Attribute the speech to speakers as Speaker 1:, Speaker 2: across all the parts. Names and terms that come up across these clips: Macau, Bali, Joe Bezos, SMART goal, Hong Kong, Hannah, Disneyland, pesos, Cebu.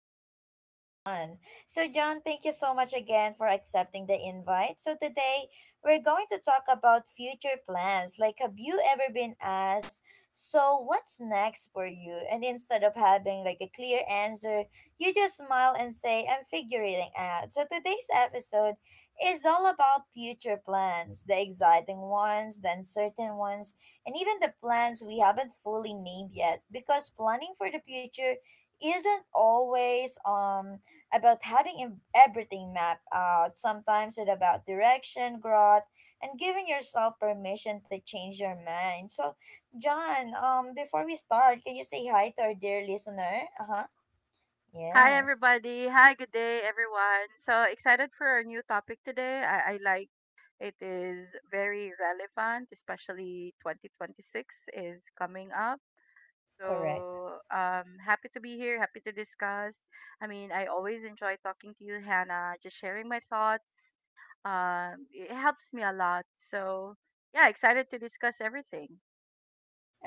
Speaker 1: podcast with John. So John, thank you so much again for accepting the invite. So today we're going to talk about future plans. Like have you ever been asked, so what's next for you? And instead of having like a clear answer, you just smile and say, I'm figuring it out. So today's episode is all about future plans, the exciting ones, the uncertain ones and even the plans we haven't fully named yet because planning for the future isn't always about having everything mapped out. Sometimes it's about direction, growth, and giving yourself permission to change your mind. So John, before we start, can you say hi to our dear listener? Uh-huh,
Speaker 2: Hi
Speaker 1: yes,
Speaker 2: everybody. Hi, good day everyone. So excited for our new topic today. I like it is very relevant, especially 2026 is coming up.
Speaker 1: correct.
Speaker 2: So happy to be here, happy to discuss. I mean, I always enjoy talking to you, Hannah, just sharing my thoughts. It helps me a lot. So yeah, excited to discuss everything.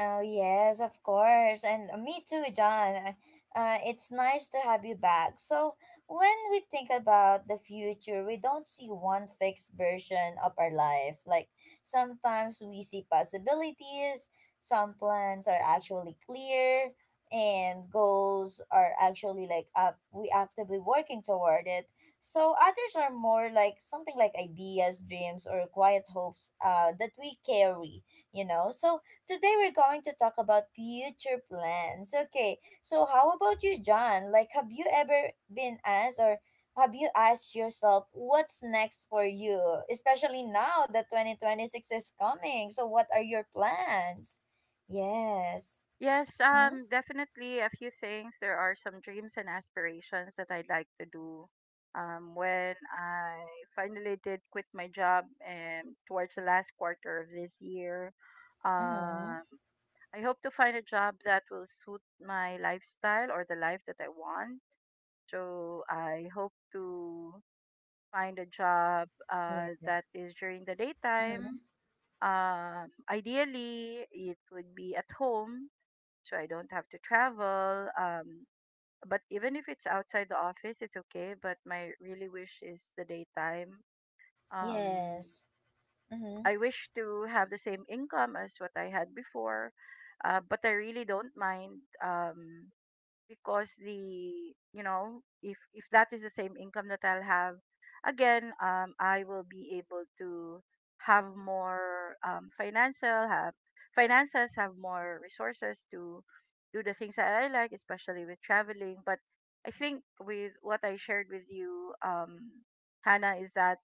Speaker 1: Oh, yes, of course. And me too, John. It's nice to have you back. So, when we think about the future, we don't see one fixed version of our life. Like, sometimes we see possibilities, some plans are actually clear, and goals are actually like up, we actively working toward it. So, others are more like something like ideas, dreams, or quiet hopes that we carry, you know? So, today we're going to talk about future plans. Okay, so how about you, John? Like, have you ever been asked or have you asked yourself what's next for you, especially now that 2026 is coming? So, what are your plans? Yes.
Speaker 2: Yes,
Speaker 1: Mm-hmm.
Speaker 2: definitely a few things. There are some dreams and aspirations that I'd like to do. When I finally did quit my job towards the last quarter of this year,
Speaker 1: Mm-hmm.
Speaker 2: um, I hope to find a job that will suit my lifestyle or the life that I want. So I hope to find a job
Speaker 1: Yeah.
Speaker 2: that is during the
Speaker 1: Mm-hmm.
Speaker 2: daytime. Ideally, it would be at home so I don't have to travel. But even if it's outside the office, it's okay. But my really wish is the daytime. Um,
Speaker 1: Yes. Mm-hmm.
Speaker 2: I wish to have the same income as what I had before, but I really don't mind. Because the you know if that is the same income that I'll have again, I will be able to have more, financial, have finances, have more resources to do the things that I like, especially with traveling. But I think with what I shared with you, Hannah, is that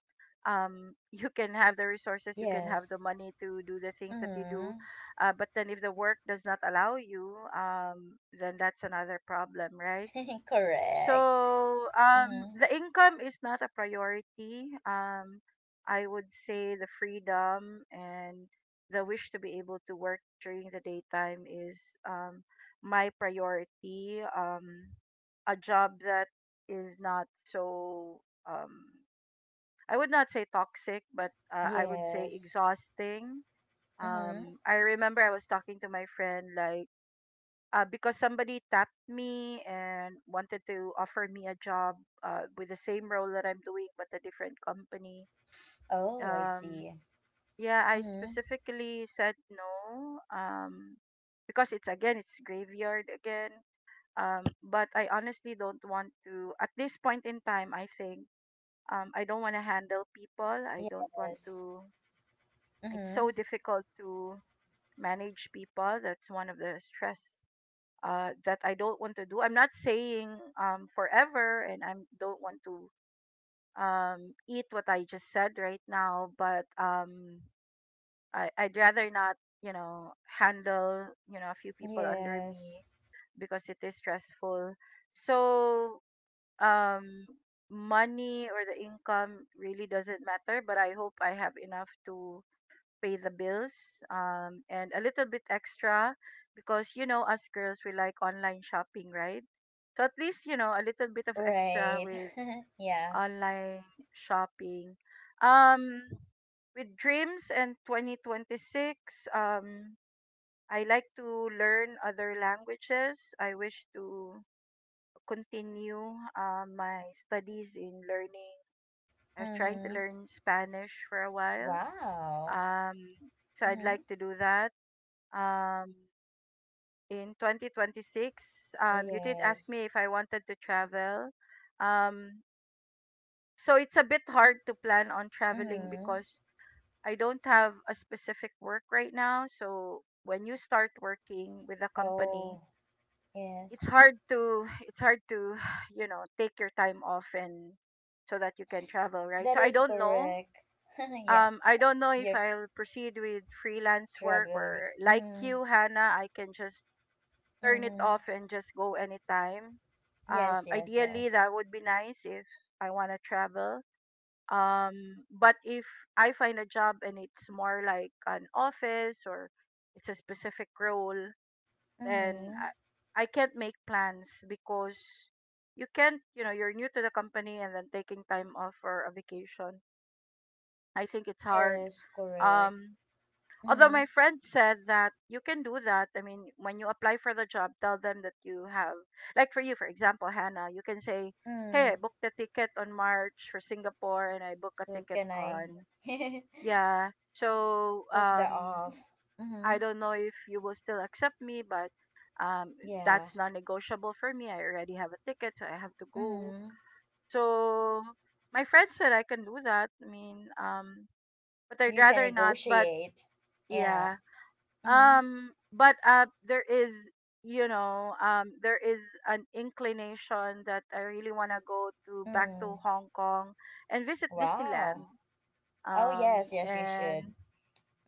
Speaker 2: you can have the resources, you can have the
Speaker 1: Yes.
Speaker 2: money to do the things that you do,
Speaker 1: Mm-hmm.
Speaker 2: but then if the work does not allow you, then that's another problem, right?
Speaker 1: Correct.
Speaker 2: So
Speaker 1: Mm-hmm.
Speaker 2: the income is not a priority. I would say the freedom and the wish to be able to work during the daytime is, um, my priority. A job that is not so, um, I would not say toxic, but I would say
Speaker 1: Yes.
Speaker 2: exhausting.
Speaker 1: Mm-hmm.
Speaker 2: I remember I was talking to my friend, like, because somebody tapped me and wanted to offer me a job with the same role that I'm doing but a different company.
Speaker 1: Oh, I
Speaker 2: Um,
Speaker 1: see.
Speaker 2: yeah, I
Speaker 1: Mm-hmm.
Speaker 2: specifically said no, because it's again, it's graveyard again. But I honestly don't want to at this point in time. I think, I don't want to handle people. I don't want
Speaker 1: Yes.
Speaker 2: to. It's so
Speaker 1: Mm-hmm.
Speaker 2: difficult to manage people. That's one of the stress that I don't want to do. I'm not saying, forever, and I don't want to, eat what I just said right now. But I, I'd rather not, you know, handle, you know, a few people under me
Speaker 1: Yes.
Speaker 2: because it is stressful. So, um, money or the income really doesn't matter. But I hope I have enough to pay the bills, and a little bit extra, because you know, us girls, we like online shopping, right? So at least, you know, a little bit of extra
Speaker 1: Right.
Speaker 2: with
Speaker 1: Yeah.
Speaker 2: online shopping. um with dreams and 2026, um I like to learn other languages. I wish to continue my studies in learning. I was trying to
Speaker 1: Mm-hmm.
Speaker 2: learn Spanish for a while.
Speaker 1: Wow.
Speaker 2: um so I'd like
Speaker 1: Mm-hmm.
Speaker 2: to do that um, in 2026. You did ask me
Speaker 1: Yes.
Speaker 2: if I wanted to travel. Um, so it's a bit hard to plan on traveling
Speaker 1: Mm-hmm.
Speaker 2: because I don't have a specific work right now. So when you start working with a company,
Speaker 1: Oh,
Speaker 2: it's
Speaker 1: yes.
Speaker 2: hard to it's hard to you know, take your time off and so that you can travel, right? So
Speaker 1: That
Speaker 2: I
Speaker 1: is
Speaker 2: don't know.
Speaker 1: correct. Yeah.
Speaker 2: I don't know if
Speaker 1: You're
Speaker 2: I'll proceed with freelance work
Speaker 1: traveling.
Speaker 2: or like
Speaker 1: Mm-hmm.
Speaker 2: you, Hannah. I can just turn it
Speaker 1: Mm-hmm.
Speaker 2: off and just go anytime.
Speaker 1: Yes, yes,
Speaker 2: Ideally,
Speaker 1: yes.
Speaker 2: that would be nice if I want to travel. Um, but if I find a job and it's more like an office or it's a specific role, then
Speaker 1: Mm-hmm.
Speaker 2: I can't make plans because you can't, you know, you're new to the company and then taking time off for a vacation. I think it's hard.
Speaker 1: Yes, correct.
Speaker 2: Um, Although
Speaker 1: Mm-hmm.
Speaker 2: my friend said that you can do that, I mean when you apply for the job tell them that you have, like for you for example, Hannah, you can say hey, I
Speaker 1: Mm.
Speaker 2: booked a ticket on March for Singapore and I booked a
Speaker 1: So
Speaker 2: ticket
Speaker 1: can I
Speaker 2: on, yeah, so
Speaker 1: took that off?
Speaker 2: I
Speaker 1: Mm-hmm.
Speaker 2: don't know if you will still accept me, but um
Speaker 1: Yeah.
Speaker 2: that's non-negotiable for me, I already have a ticket, so I have to go.
Speaker 1: Mm-hmm.
Speaker 2: So my friend said I can do that, I mean, but I'd
Speaker 1: You can
Speaker 2: rather not, but
Speaker 1: negotiate. Yeah.
Speaker 2: yeah.
Speaker 1: Mm-hmm.
Speaker 2: But there is, you know, there is an inclination that I really want to go to back
Speaker 1: Mm.
Speaker 2: to Hong Kong and visit
Speaker 1: Wow.
Speaker 2: Disneyland.
Speaker 1: Oh yes, yes you
Speaker 2: And
Speaker 1: should.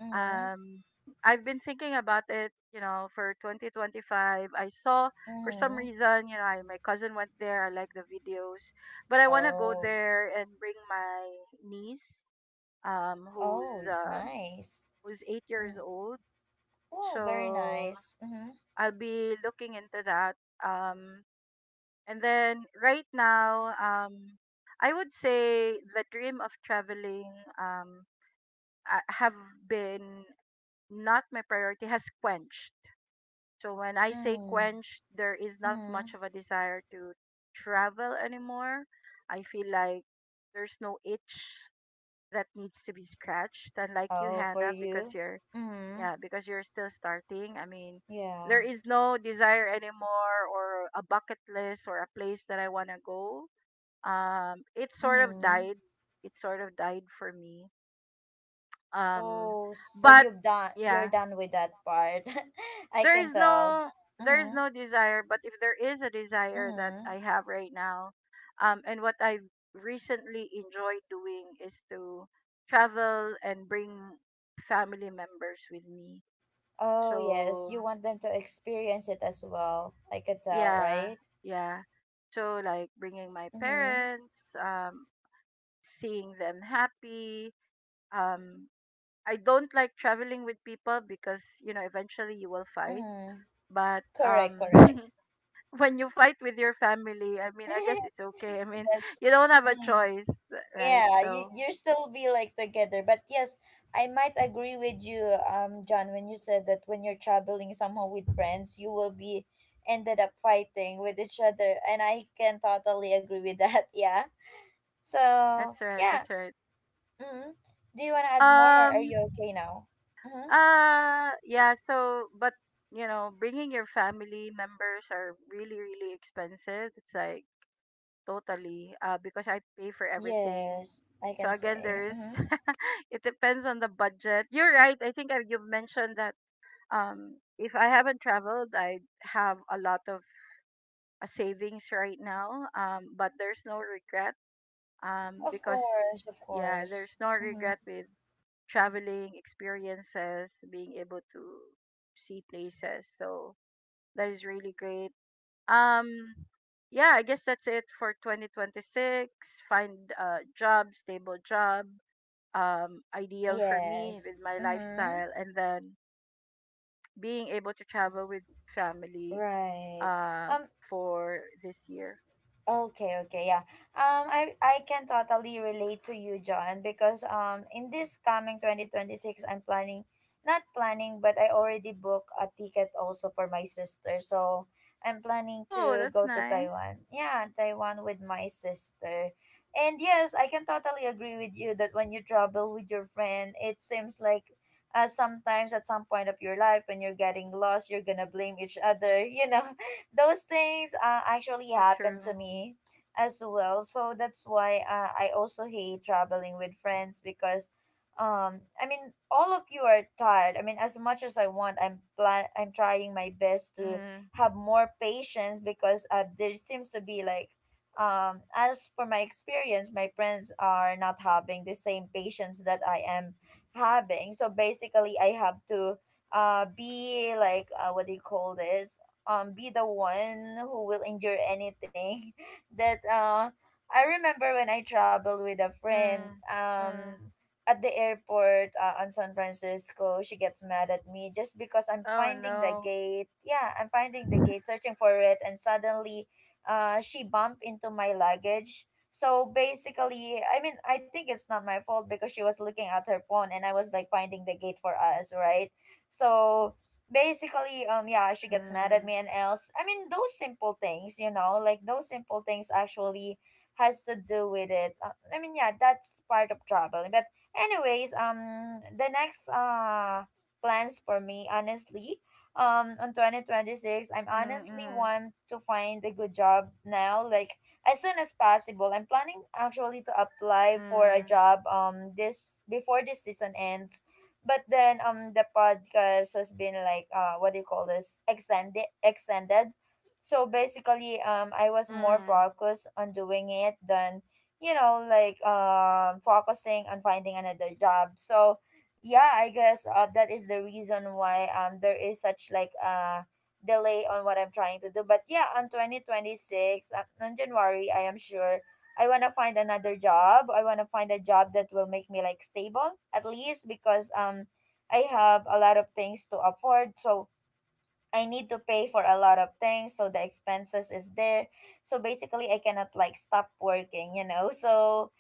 Speaker 1: Mm-hmm.
Speaker 2: um, I've been thinking about it, you know, for 2025. I saw, for some
Speaker 1: Mm-hmm.
Speaker 2: reason, you know, I, my cousin went there. I like the videos, but I want to go
Speaker 1: Oh.
Speaker 2: there and bring my niece, um, who's
Speaker 1: Oh,
Speaker 2: um,
Speaker 1: nice.
Speaker 2: who's 8 years
Speaker 1: Mm.
Speaker 2: old.
Speaker 1: Well, very
Speaker 2: So
Speaker 1: nice. Mm-hmm.
Speaker 2: I'll be looking into that. Um, and then right now, I would say the dream of traveling, um, I have been, not my priority, has quenched. So when I say
Speaker 1: Mm.
Speaker 2: quenched, there is not
Speaker 1: Mm-hmm.
Speaker 2: much of a desire to travel anymore. I feel like there's no itch that needs to be scratched, unlike you,
Speaker 1: Oh, for
Speaker 2: Hannah, because
Speaker 1: you?
Speaker 2: you're,
Speaker 1: Mm-hmm.
Speaker 2: yeah, because you're still starting. I mean,
Speaker 1: Yeah.
Speaker 2: there is no desire anymore or a bucket list or a place that I want to go. It sort of
Speaker 1: Mm-hmm.
Speaker 2: died. It sort of died for me. Um,
Speaker 1: Oh, so
Speaker 2: but
Speaker 1: you've done, you're
Speaker 2: yeah,
Speaker 1: done with that part. I
Speaker 2: there
Speaker 1: can
Speaker 2: is
Speaker 1: tell.
Speaker 2: no there is
Speaker 1: Mm-hmm.
Speaker 2: no desire. But if there is a desire that
Speaker 1: Mm-hmm.
Speaker 2: I have right now, and what I recently enjoyed doing is to travel and bring family members with me.
Speaker 1: Oh, yes,
Speaker 2: So
Speaker 1: you want them to experience it as well. I could tell,
Speaker 2: yeah,
Speaker 1: right?
Speaker 2: yeah, so like bringing my
Speaker 1: Mm-hmm.
Speaker 2: parents, seeing them happy, um I don't like traveling with people because you know, eventually you will fight,
Speaker 1: Mm-hmm.
Speaker 2: but
Speaker 1: Correct, correct.
Speaker 2: when you fight with your family, I mean, I guess it's okay, I mean
Speaker 1: That's
Speaker 2: you don't have a
Speaker 1: mm,
Speaker 2: choice, right?
Speaker 1: yeah, you
Speaker 2: So
Speaker 1: you still be like together. But yes, I might agree with you, John, when you said that when you're traveling somehow with friends, you will be ended up fighting with each other. And I can totally agree with that, yeah. So
Speaker 2: that's right, that's
Speaker 1: yeah.
Speaker 2: right.
Speaker 1: Mm-hmm. Do you wanna add more or
Speaker 2: um
Speaker 1: are you okay now? Mm-hmm.
Speaker 2: yeah, so, but you know, bringing your family members are really, really expensive, it's like, totally. Because I pay for everything.
Speaker 1: Yes, I can
Speaker 2: So again,
Speaker 1: say.
Speaker 2: there's
Speaker 1: Mm-hmm.
Speaker 2: it depends on the budget. You're right. You've mentioned that, if I haven't traveled, I have a lot of savings right now. But there's no regret.
Speaker 1: Of
Speaker 2: Because
Speaker 1: course, of
Speaker 2: yeah,
Speaker 1: course.
Speaker 2: there's no
Speaker 1: Mm-hmm.
Speaker 2: regret with traveling experiences, being able to see places. So that is really great. Um, yeah, I guess that's it for 2026. Find a job, stable job, ideal for me
Speaker 1: Yes.
Speaker 2: with my
Speaker 1: Mm-hmm.
Speaker 2: lifestyle, and then being able to travel with family,
Speaker 1: Right.
Speaker 2: uh,
Speaker 1: Um.
Speaker 2: for this year.
Speaker 1: Okay, okay, yeah. I can totally relate to you, John, because in this coming 2026, I'm planning, not planning, but I already booked a ticket also for my sister. So I'm planning
Speaker 2: Oh,
Speaker 1: to
Speaker 2: that's
Speaker 1: go to
Speaker 2: nice.
Speaker 1: Taiwan. Yeah, Taiwan with my sister, and yes, I can totally agree with you that when you travel with your friend, it seems like. Sometimes at some point of your life when you're getting lost you're gonna blame each other, you know, those things actually
Speaker 2: So
Speaker 1: happen
Speaker 2: true.
Speaker 1: to me as well. So that's why I also hate traveling with friends because I mean all of you are tired. I mean as much as I want, I'm trying my best to
Speaker 2: Mm-hmm.
Speaker 1: have more patience because there seems to be like as for my experience, my friends are not having the same patience that I am having. So basically I have to be like, what do you call this, be the one who will endure anything that I remember when I traveled with a friend,
Speaker 2: Mm, mm.
Speaker 1: at the airport on San Francisco, she gets mad at me just because I'm
Speaker 2: Oh
Speaker 1: finding the
Speaker 2: no.
Speaker 1: gate. Yeah, I'm finding the gate, searching for it, and suddenly she bumped into my luggage. So basically, I mean, I think it's not my fault because she was looking at her phone and I was like finding the gate for us, right? So basically, yeah, she gets mad at
Speaker 2: Mm,
Speaker 1: me and else. I mean, those simple things, you know, like those simple things actually has to do with it. I mean, yeah, that's part of traveling but anyways, the next plans for me honestly, on 2026, I'm
Speaker 2: mm,
Speaker 1: honestly
Speaker 2: mm,
Speaker 1: want to find a good job now, like as soon as possible. I'm planning actually to apply for a
Speaker 2: mm,
Speaker 1: job, this before this season ends. But then, the podcast has been like, what do you call this, extended. So basically, I was more
Speaker 2: mm.
Speaker 1: focused on doing it than, you know, like, focusing on finding another job. So yeah, I guess that is the reason why there is such like delay on what I'm trying to do. But yeah, on 2026, on January, I am sure I want to find another job. I want to find a job that will make me like stable at least, because I have a lot of things to afford. So I need to pay for a lot of things, so the expenses is there. So basically, I cannot like stop working, you know. So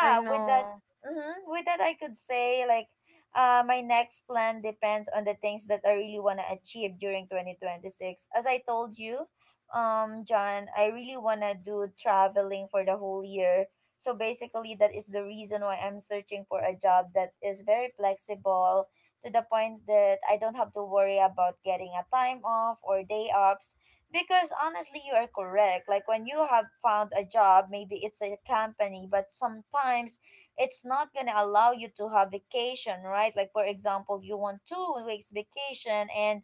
Speaker 2: I
Speaker 1: with that,
Speaker 2: know.
Speaker 1: with that, I could say like, my next plan depends on the things that I really wanna achieve during 2026. As I told you, John, I really wanna do traveling for the whole year. So basically, that is the reason why I'm searching for a job that is very flexible to the point that I don't have to worry about getting a time off or day offs. Because honestly, you are correct. Like when you have found a job, maybe it's a company, but sometimes it's not going to allow you to have vacation, right? Like, for example, you want 2-week vacation and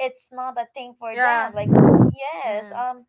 Speaker 1: it's not a thing for
Speaker 2: Yeah.
Speaker 1: them. Like, yes,
Speaker 2: Mm,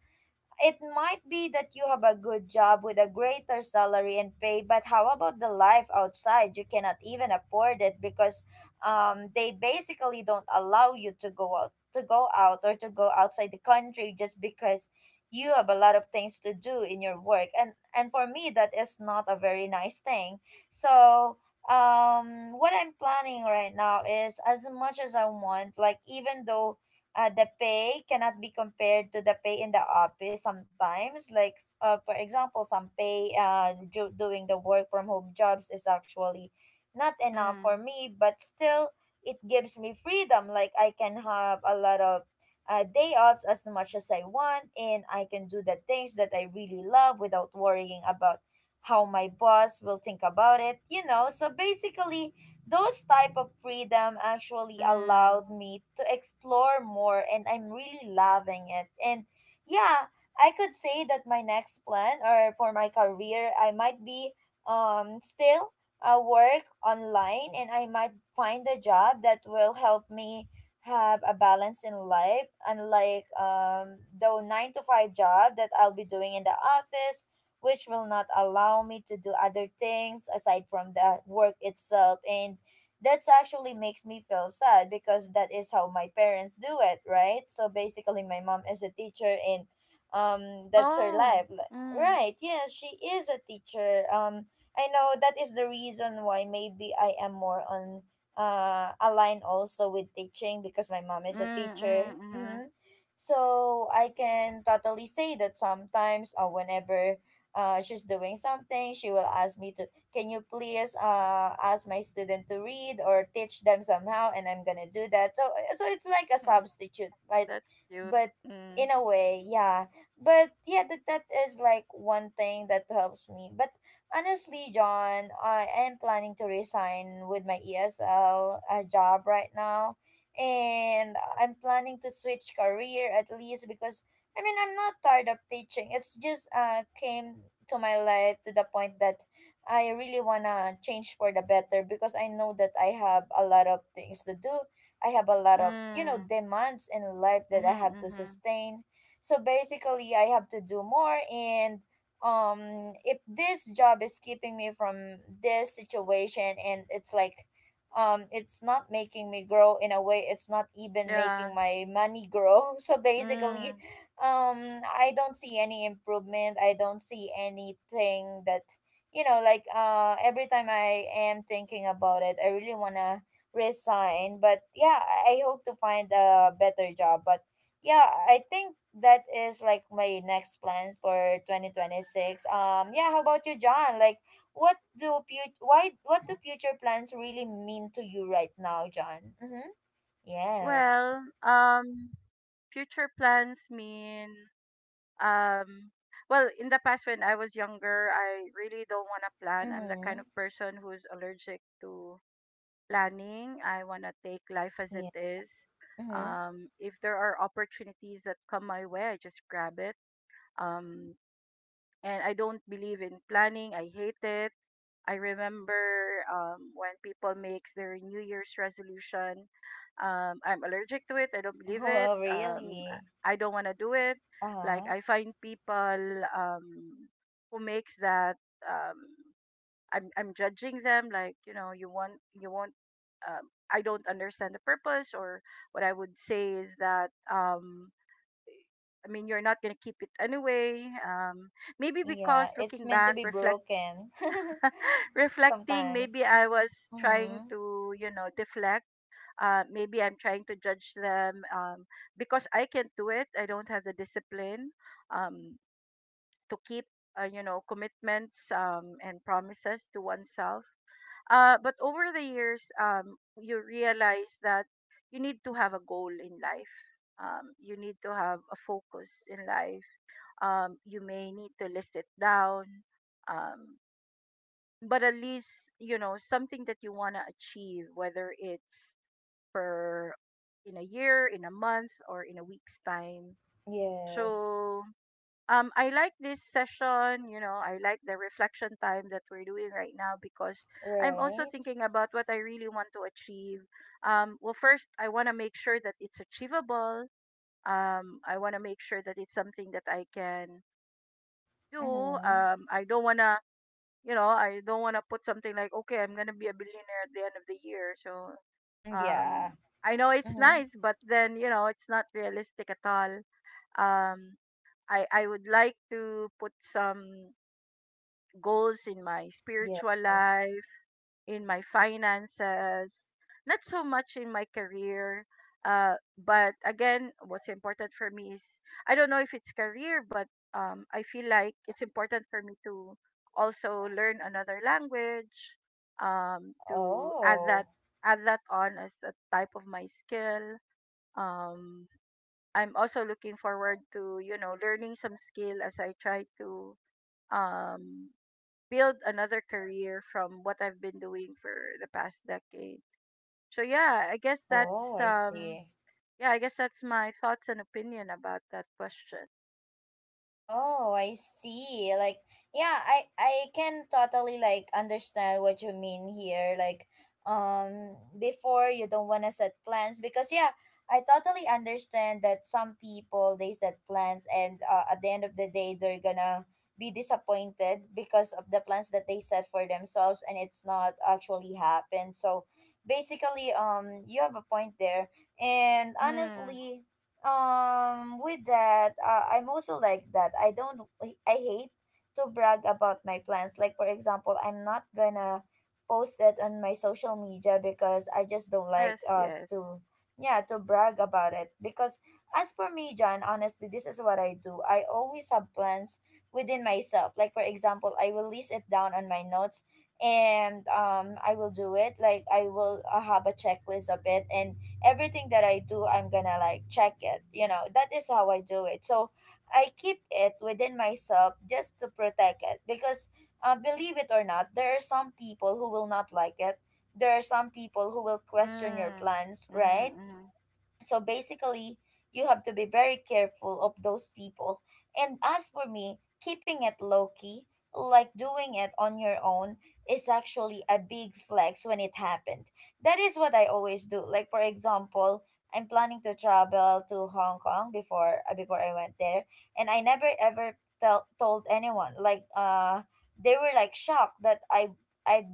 Speaker 1: it might be that you have a good job with a greater salary and pay, but how about the life outside? You cannot even afford it because they basically don't allow you to go out, or to go outside the country just because you have a lot of things to do in your work. And for me, that is not a very nice thing. So what I'm planning right now is, as much as I want, like, even though the pay cannot be compared to the pay in the office sometimes, like for example, some pay doing the work from home jobs is actually not enough for
Speaker 2: mm,
Speaker 1: me, but still it gives me freedom, like I can have a lot of day offs as much as I want, and I can do the things that I really love without worrying about how my boss will think about it, you know. So basically, those type of freedom actually allowed
Speaker 2: mm.
Speaker 1: me to explore more and I'm really loving it. And yeah, I could say that my next plan or for my career, I might be still work online, and I might find a job that will help me have a balance in life, unlike the 9 to 5 job that I'll be doing in the office, which will not allow me to do other things aside from the work itself. And that's actually makes me feel sad because that is how my parents do it, right? So basically, my mom is a teacher, and that's her
Speaker 2: Oh.
Speaker 1: life. Like,
Speaker 2: Mm.
Speaker 1: right, yes, she is a teacher. I know that is the reason why maybe I am more on aligned also with teaching because my mom
Speaker 2: Mm.
Speaker 1: is a teacher.
Speaker 2: Mm. Mm.
Speaker 1: Mm-hmm. So I can totally say that sometimes whenever she's doing something, she will ask me to, can you please ask my student to read or teach them somehow? And I'm gonna do that. So, eh, so it's like a substitute,
Speaker 2: That's cute.
Speaker 1: but
Speaker 2: Mm.
Speaker 1: in a way, yeah. But yeah, that, that is like one thing that helps me. But honestly, John, I am planning to resign with my ESL job right now. And I'm planning to switch career at least because I mean, I'm not tired of teaching. It's just came to my life to the point that I really wanna change for the better because I know that I have a lot of things to do. I have a lot of, you know,
Speaker 2: Mm.
Speaker 1: demands in life that
Speaker 2: Mm-hmm,
Speaker 1: I have to
Speaker 2: mm-hmm.
Speaker 1: sustain. So basically, I have to do more. And if this job is keeping me from this situation, and it's like, it's not making me grow in a way, it's not even
Speaker 2: Yeah.
Speaker 1: making my money grow. So basically,
Speaker 2: Mm.
Speaker 1: I don't see any improvement, I don't see anything that… Every time I am thinking about it, I really want to resign. But yeah, I hope to find a better job. But yeah, I think that is like my next plans for 2026. Yeah, how about you, John? Like, why, what do future plans really mean to you right now, John? Mm-hmm. Yes.
Speaker 2: Well, future plans mean, um. well, in the past when I was younger, I really don't want to plan. I'm the kind
Speaker 1: Mm-hmm.
Speaker 2: of person who's allergic to planning. I want to take life as it
Speaker 1: Yeah.
Speaker 2: is.
Speaker 1: Mm-hmm.
Speaker 2: If there are opportunities that come my way, I just grab it. Um, and I don't believe in planning. I hate it. I remember when people makes their New Year's resolution. I'm allergic to it. I don't believe it.
Speaker 1: Oh, really?
Speaker 2: I don't want to do it. Like
Speaker 1: Uh-huh.
Speaker 2: I find people, who makes that. Um, I'm judging them. Like you know, you want. I don't understand the purpose. Or what I would say is that, I mean, you're not gonna keep it anyway. Maybe
Speaker 1: Yeah,
Speaker 2: because
Speaker 1: it's
Speaker 2: looking
Speaker 1: meant to
Speaker 2: back,
Speaker 1: be broken.
Speaker 2: reflecting,
Speaker 1: Sometimes.
Speaker 2: maybe I was trying
Speaker 1: Mm-hmm.
Speaker 2: to, you know, deflect. Maybe I'm trying to judge them, because I can't do it. I don't have the discipline, um, to keep, you know, commitments, and promises to oneself. But over the years, you realize that you need to have a goal in life. You need to have a focus in life, you may need to list it down. Um, but at least, you know, something that you want to achieve, whether it's per in a year, in a month, or in a week's time.
Speaker 1: Yes.
Speaker 2: So I like this session, you know, I like the reflection time that we're doing right now because I'm also
Speaker 1: Right.
Speaker 2: thinking about what I really want to achieve. Well, first, I want to make sure that it's achievable. I want to make sure that it's something that I can do.
Speaker 1: Mm-hmm.
Speaker 2: I don't wanna, you know, I don't wanna put something like, okay, I'm gonna be a billionaire at the end of the year. So,
Speaker 1: Mm, yeah.
Speaker 2: um, I know it's
Speaker 1: Mm-hmm.
Speaker 2: nice, but then you know, it's not realistic at all. Um, I would like to put some goals in my spiritual
Speaker 1: Yes.
Speaker 2: life, in my finances, not so much in my career. But again, what's important for me is, I don't know if it's career, but I feel like it's important for me to also learn another language, to
Speaker 1: Oh.
Speaker 2: add that on as a type of my skill. Um, I'm also looking forward to learning some skill as I try to um, build another career from what I've been doing for the past decade. So yeah, I guess
Speaker 1: Oh,
Speaker 2: that's
Speaker 1: I see.
Speaker 2: yeah, I guess that's my thoughts and opinion about that question.
Speaker 1: Oh, I see. Like, yeah, I can totally like understand what you mean here. Like, before you don't want to set plans, because yeah, I totally understand that some people they set plans, and at the end of the day they're gonna be disappointed because of the plans that they set for themselves, and it's not actually happened. So basically, you have a point there. And
Speaker 2: Mm.
Speaker 1: honestly, with that, I'm also like that. I don't… I hate to brag about my plans. Like for example, I'm not gonna post it on my social media because I just don't like
Speaker 2: Yes, yes.
Speaker 1: to… yeah, to brag about it. Because as for me, John, honestly, this is what I do. I always have plans within myself. Like for example, I will list it down on my notes, and I will do it. Like I will have a checklist of it, and everything that I do, I'm gonna like check it. You know, that is how I do it. So I keep it within myself just to protect it, because, believe it or not, there are some people who will not like it. There are some people who will question your
Speaker 2: Mm.
Speaker 1: plans, right?
Speaker 2: Mm-hmm, mm.
Speaker 1: So basically, you have to be very careful of those people. And as for me, keeping it low key, like doing it on your own, is actually a big flex when it happened. That is what I always do. Like for example, I'm planning to travel to Hong Kong. Before before I went there, and I never ever tell told anyone. Like they were like shocked that I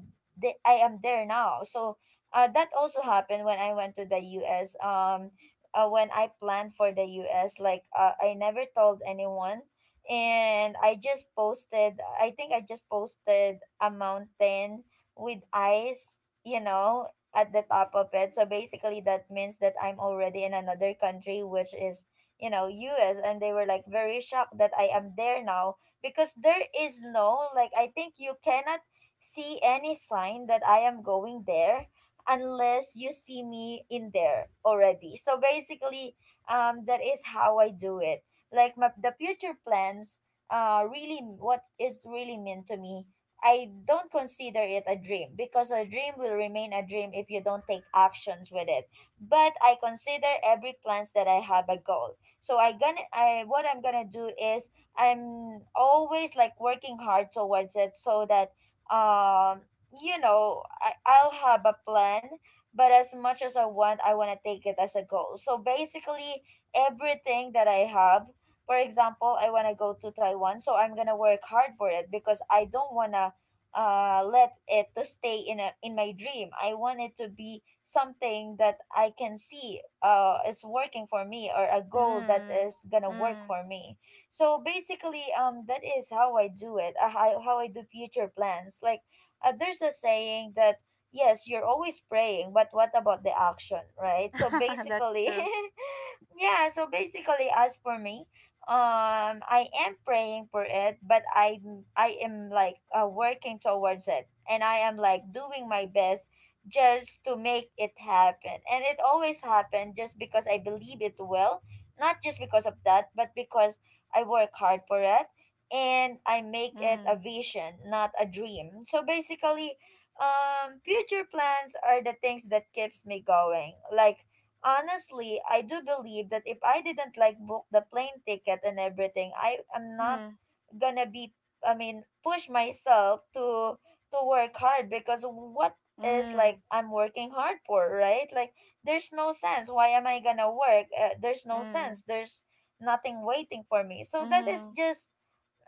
Speaker 1: I am there now. So that also happened when I went to the U.S. When I planned for the US. Like I never told anyone, and I just posted. I think I just posted a mountain with ice. You know, at the top of it. So basically, that means that I'm already in another country, which is, you know, US, and they were like very shocked that I am there now, because there is no like… I think you cannot see any sign that I am going there unless you see me in there already. So basically, that is how I do it. Like the future plans, really what is really meant to me. I don't consider it a dream, because a dream will remain a dream if you don't take actions with it. But I consider every plans that I have a goal. So I gonna I what I'm gonna do is I'm always like working hard towards it, so that um you know, I'll have a plan, but as much as I want to take it as a goal. So basically, everything that I have, for example, I want to go to Taiwan, so I'm going to work hard for it, because I don't want to let it to stay in a in my dream. I want it to be something that I can see is working for me, or a goal that
Speaker 2: Mm.
Speaker 1: is gonna work
Speaker 2: Mm.
Speaker 1: for me. So basically, that is how I do it. How I do future plans. Like there's a saying that yes, you're always praying, but what about the action, right? So
Speaker 2: That's
Speaker 1: basically,
Speaker 2: true.
Speaker 1: yeah, so basically, as for me, I am praying for it, but I am like working towards it, and I am like doing my best just to make it happen. And it always happened, just because I believe it will. Not just because of that, but because I work hard for it, and I make it a
Speaker 2: Mm.
Speaker 1: vision, not a dream. So basically, future plans are the things that keeps me going. Like, honestly, I do believe that if I didn't like book the plane ticket and everything, I am not
Speaker 2: Mm-hmm,
Speaker 1: gonna be… I mean, push myself to… to work hard, because what is like
Speaker 2: mm.
Speaker 1: I'm working hard for, right? Like, there's no sense. Why am I gonna work? There's no sense.
Speaker 2: Mm.
Speaker 1: There's nothing waiting for me. So that is
Speaker 2: Mm.
Speaker 1: just…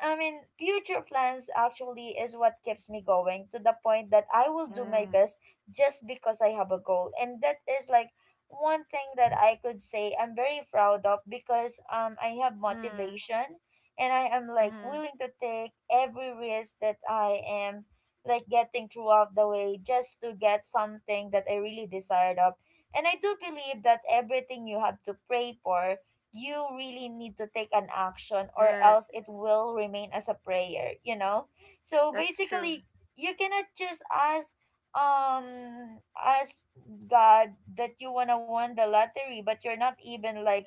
Speaker 1: I mean, future plans actually is what keeps me going, to the point that I will do my
Speaker 2: Mm.
Speaker 1: best just because I have a goal. And that is like one thing that I could say I'm very proud of, because I have
Speaker 2: Mm.
Speaker 1: motivation, and I am like
Speaker 2: Mm.
Speaker 1: willing to take every risk that I am like getting throughout the way just to get something that I really desired of. And I do believe that everything you have to pray for, you really need to take an action, or else
Speaker 2: Yes.
Speaker 1: it will remain as a prayer, you know. So
Speaker 2: That's true.
Speaker 1: basically, you cannot just ask, ask God that you want to win the lottery, but you're not even like,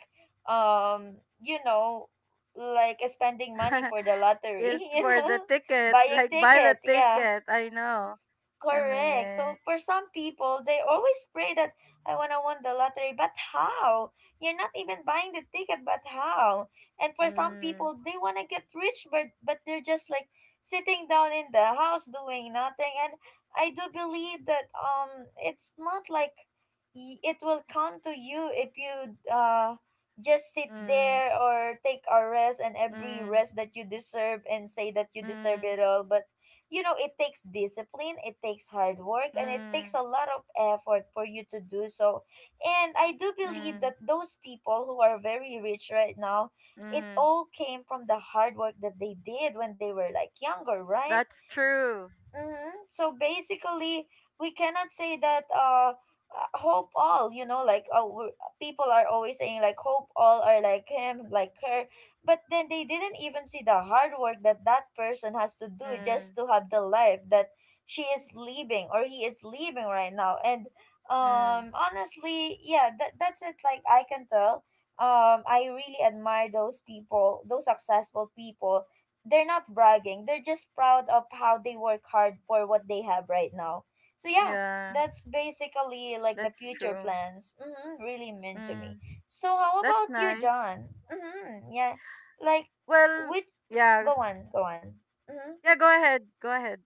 Speaker 1: you know, like spending money for the lottery.
Speaker 2: If
Speaker 1: You
Speaker 2: for the
Speaker 1: know,
Speaker 2: ticket,
Speaker 1: buying
Speaker 2: like buy the
Speaker 1: ticket, yeah.
Speaker 2: ticket. I know, I
Speaker 1: Correct.
Speaker 2: mean,
Speaker 1: So for some people, they always pray that, I wanna win the lottery, but how? You're not even buying the ticket, but how? And for some
Speaker 2: mm,
Speaker 1: people, they wanna get rich, but they're just like sitting down in the house doing nothing. And I do believe that, it's not like… it will come to you if you just sit
Speaker 2: mm,
Speaker 1: there or take a rest and every
Speaker 2: mm,
Speaker 1: rest that you deserve, and say that you deserve
Speaker 2: mm,
Speaker 1: it all, but you know, it takes discipline, it takes hard work, and it takes
Speaker 2: mm,
Speaker 1: a lot of effort for you to do so. And I do believe
Speaker 2: mm,
Speaker 1: that those people who are very rich right now, it
Speaker 2: mm.
Speaker 1: all came from the hard work that they did when they were like younger, right?
Speaker 2: That's
Speaker 1: S-
Speaker 2: true.
Speaker 1: mhm. So basically, we cannot say that hope all, you know, like people are always saying like, hope all are like him, like her, but then they didn't even see the hard work that that person has to do just
Speaker 2: Mm,
Speaker 1: to have the life that she is living or he is living right now. And
Speaker 2: mm.
Speaker 1: honestly, yeah, that's it. Like, I can tell. I really admire those people, those successful people. They're not bragging, they're just proud of how they work hard for what they have right now. So yeah,
Speaker 2: Yeah,
Speaker 1: that's basically like the
Speaker 2: that's
Speaker 1: future
Speaker 2: true.
Speaker 1: plans. Mm-hmm. Really mean to me.
Speaker 2: Mm,
Speaker 1: So how
Speaker 2: that's
Speaker 1: about you,
Speaker 2: nice.
Speaker 1: John? Mm-hmm, yeah. Like,
Speaker 2: Well,
Speaker 1: which,
Speaker 2: yeah,
Speaker 1: go on, go on. Mm-hmm.
Speaker 2: yeah. Go ahead. Go ahead.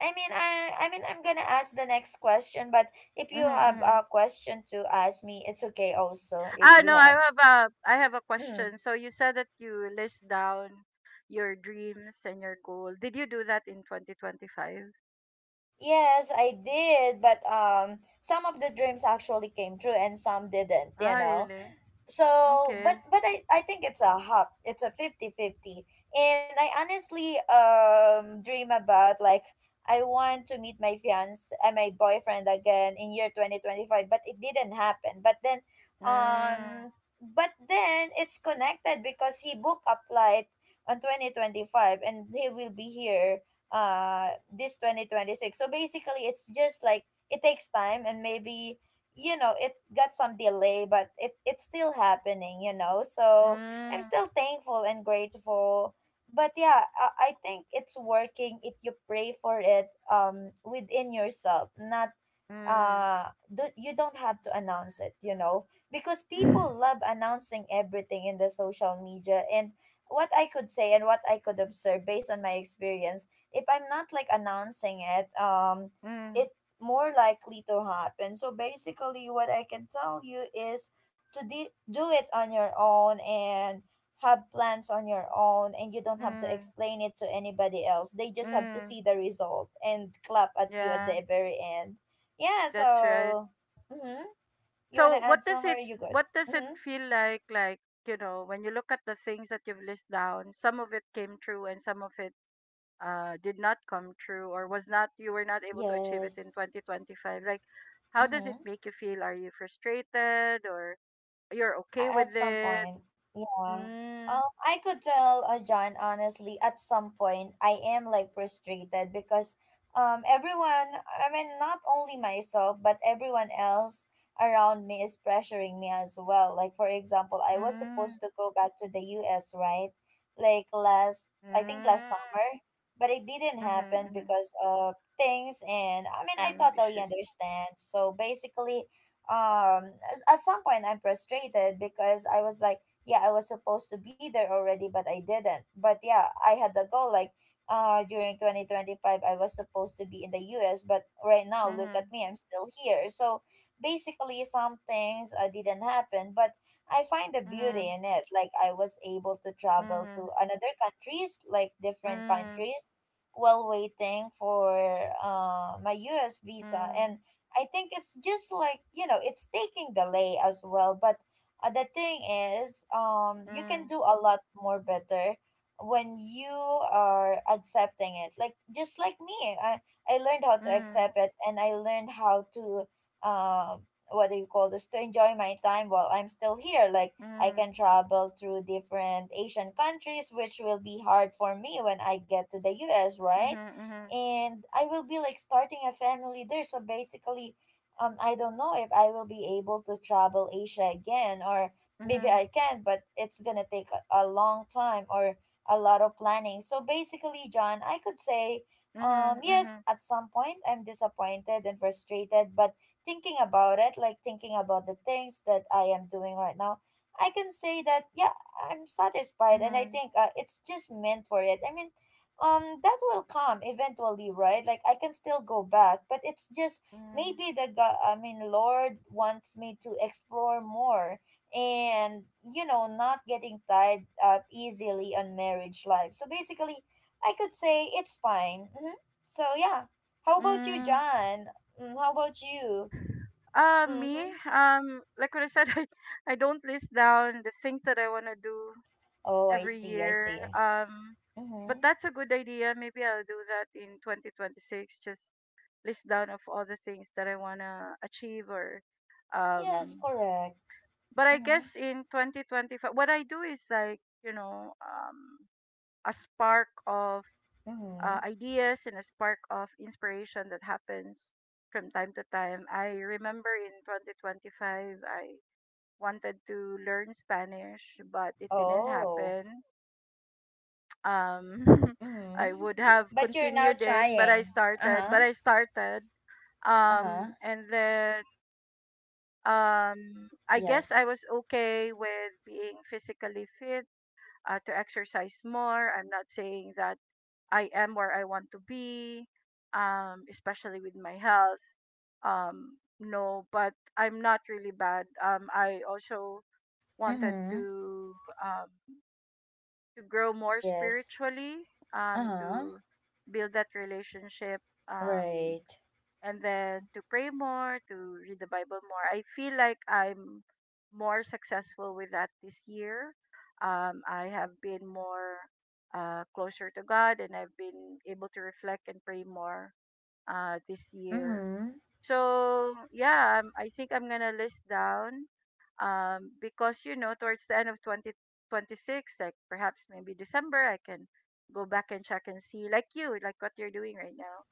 Speaker 1: I mean, I'm gonna ask the next question, but if
Speaker 2: Mm-hmm,
Speaker 1: you have
Speaker 2: mm-hmm.
Speaker 1: a question to ask me, it's okay also. If
Speaker 2: Ah,
Speaker 1: you
Speaker 2: no,
Speaker 1: have…
Speaker 2: I have a
Speaker 1: Mm.
Speaker 2: question. So you said that you list down your dreams and your goal. Did you do that in 2025?
Speaker 1: Yes, I did. But some of the dreams actually came true, and some didn't, you
Speaker 2: Ah,
Speaker 1: know.
Speaker 2: really?
Speaker 1: So
Speaker 2: Okay.
Speaker 1: but I think it's a hop it's a 50 50. And I honestly dream about like, I want to meet my fiance and my boyfriend again in year 2025, but it didn't happen. But then
Speaker 2: Mm.
Speaker 1: um it's connected because he booked a flight on 2025, and he will be here uh this 2026. So basically, it's just like, it takes time, and maybe, you know, it got some delay, but it's still happening, you know. So I'm
Speaker 2: Mm.
Speaker 1: still thankful and grateful. But yeah, I think it's working if you pray for it within yourself, not
Speaker 2: Mm.
Speaker 1: uh you don't have to announce it, you know, because people love announcing everything in the social media. And what I could say, and what I could observe based on my experience, if I'm not like announcing it,
Speaker 2: Mm.
Speaker 1: it more likely to happen. So basically, what I can tell you is to do it on your own, and have plans on your own, and you don't have to
Speaker 2: Mm.
Speaker 1: explain it to anybody else. They just have to
Speaker 2: Mm.
Speaker 1: see the result and clap at you at
Speaker 2: Yeah,
Speaker 1: the very end. Yeah,
Speaker 2: that's right.
Speaker 1: so… Mm-hmm. You
Speaker 2: So
Speaker 1: wanna add
Speaker 2: what does
Speaker 1: some, or are
Speaker 2: it
Speaker 1: you good?
Speaker 2: what does it
Speaker 1: Mm-hmm.
Speaker 2: feel like, you know, when you look at the things that you've listed down, some of it came true and some of it did not come true, or was not you were not able to achieve it in
Speaker 1: Yes.
Speaker 2: 2025. Like, how does it
Speaker 1: Mm-hmm.
Speaker 2: make you feel? Are you frustrated, or you're okay with
Speaker 1: At some
Speaker 2: it?
Speaker 1: point, yeah.
Speaker 2: Mm.
Speaker 1: I could tell, John, honestly, at some point, I am like frustrated because, everyone, I mean, not only myself, but everyone else around me is pressuring me as well. Like, for example, I was
Speaker 2: Mm.
Speaker 1: supposed to go back to the US, right? Like last, I think last
Speaker 2: Mm.
Speaker 1: summer, but it didn't
Speaker 2: Mm-hmm,
Speaker 1: happen
Speaker 2: mm-hmm.
Speaker 1: because of things. And I mean, I totally
Speaker 2: Issues.
Speaker 1: understand. So basically, um at some point I'm frustrated because I was like, yeah, I was supposed to be there already but I didn't. But yeah, I had the goal, like during 2025 I was supposed to be in the US, but right now look at
Speaker 2: Mm-hmm.
Speaker 1: me, I'm still here. So basically some things didn't happen, but I find the beauty
Speaker 2: Mm-hmm.
Speaker 1: in it. Like, I was able to travel
Speaker 2: Mhm.
Speaker 1: to another countries, like different
Speaker 2: Mhm.
Speaker 1: countries, while waiting for my US visa.
Speaker 2: Mhm.
Speaker 1: And I think it's just like, you know, it's taking delay as well. But the thing is, you can do a lot more better when you are accepting it. Like just like me, I learned how to
Speaker 2: Mhm.
Speaker 1: accept it, and I learned how to um what do you call this, to enjoy my time while I'm still here. Like, I can
Speaker 2: Mhm.
Speaker 1: travel through different Asian countries, which will be hard for me when I get to the U.S. Right?
Speaker 2: Mhm.
Speaker 1: And I will be like starting a family there. So basically, I don't know if I will be able to travel Asia again, or
Speaker 2: Mhm.
Speaker 1: maybe I
Speaker 2: Mhm.
Speaker 1: can, but it's gonna take a long time or a lot of planning. So basically, John, I could say,
Speaker 2: Mhm.
Speaker 1: yes,
Speaker 2: Mhm.
Speaker 1: at some point I'm disappointed and frustrated, but thinking about it, like thinking about the things that I am doing right now, I can say that yeah, I'm satisfied, and I
Speaker 2: Mhm.
Speaker 1: think it's just meant for it. I mean, that will come eventually, right? Like, I can still go back, but it's just
Speaker 2: Mhm.
Speaker 1: maybe the god, I mean lord, wants me to explore more and, you know, not getting tied up easily on marriage life. So basically, I could say it's fine. Hmm. So yeah, how about you,
Speaker 2: Mm.
Speaker 1: John? Mm, how about you?
Speaker 2: Uh, me,
Speaker 1: Mm-hmm.
Speaker 2: um, like what I said, I don't list down the things that I want to do
Speaker 1: Oh, I
Speaker 2: every
Speaker 1: see, I
Speaker 2: year.
Speaker 1: see.
Speaker 2: Um,
Speaker 1: Mm-hmm.
Speaker 2: but that's a good idea. Maybe I'll do that in 2026. Just list down of all the things that I want to achieve, or
Speaker 1: Yes,
Speaker 2: um
Speaker 1: correct.
Speaker 2: but I
Speaker 1: Mm-hmm.
Speaker 2: guess in 2025, what I do is like, you know, a spark of
Speaker 1: Mm-hmm.
Speaker 2: ideas and a spark of inspiration that happens from time to time. I remember in 2025, I wanted to learn Spanish, but it didn't
Speaker 1: Oh.
Speaker 2: happen. Um, I
Speaker 1: Mm-hmm.
Speaker 2: would have
Speaker 1: But you're now
Speaker 2: continued it, but
Speaker 1: trying. Uh-huh.
Speaker 2: I started. Um,
Speaker 1: Uh-huh.
Speaker 2: and then I guess I
Speaker 1: Yes.
Speaker 2: was okay with being physically fit, to exercise more. I'm not saying that I am where I want to be, especially with my health. No, but I'm not really bad. I also wanted
Speaker 1: Mm-hmm.
Speaker 2: um, to grow more
Speaker 1: Yes.
Speaker 2: spiritually,
Speaker 1: Uh-huh.
Speaker 2: to build that relationship. Um,
Speaker 1: Right.
Speaker 2: and then to pray more, to read the Bible more. I feel like I'm more successful with that this year. I have been more, closer to God, and I've been able to reflect and pray more, this year.
Speaker 1: Mm-hmm.
Speaker 2: So, yeah, I think I'm going to list down, because, you know, towards the end of 2026, like perhaps maybe December, I can go back and check and see, like you, like what you're doing right now,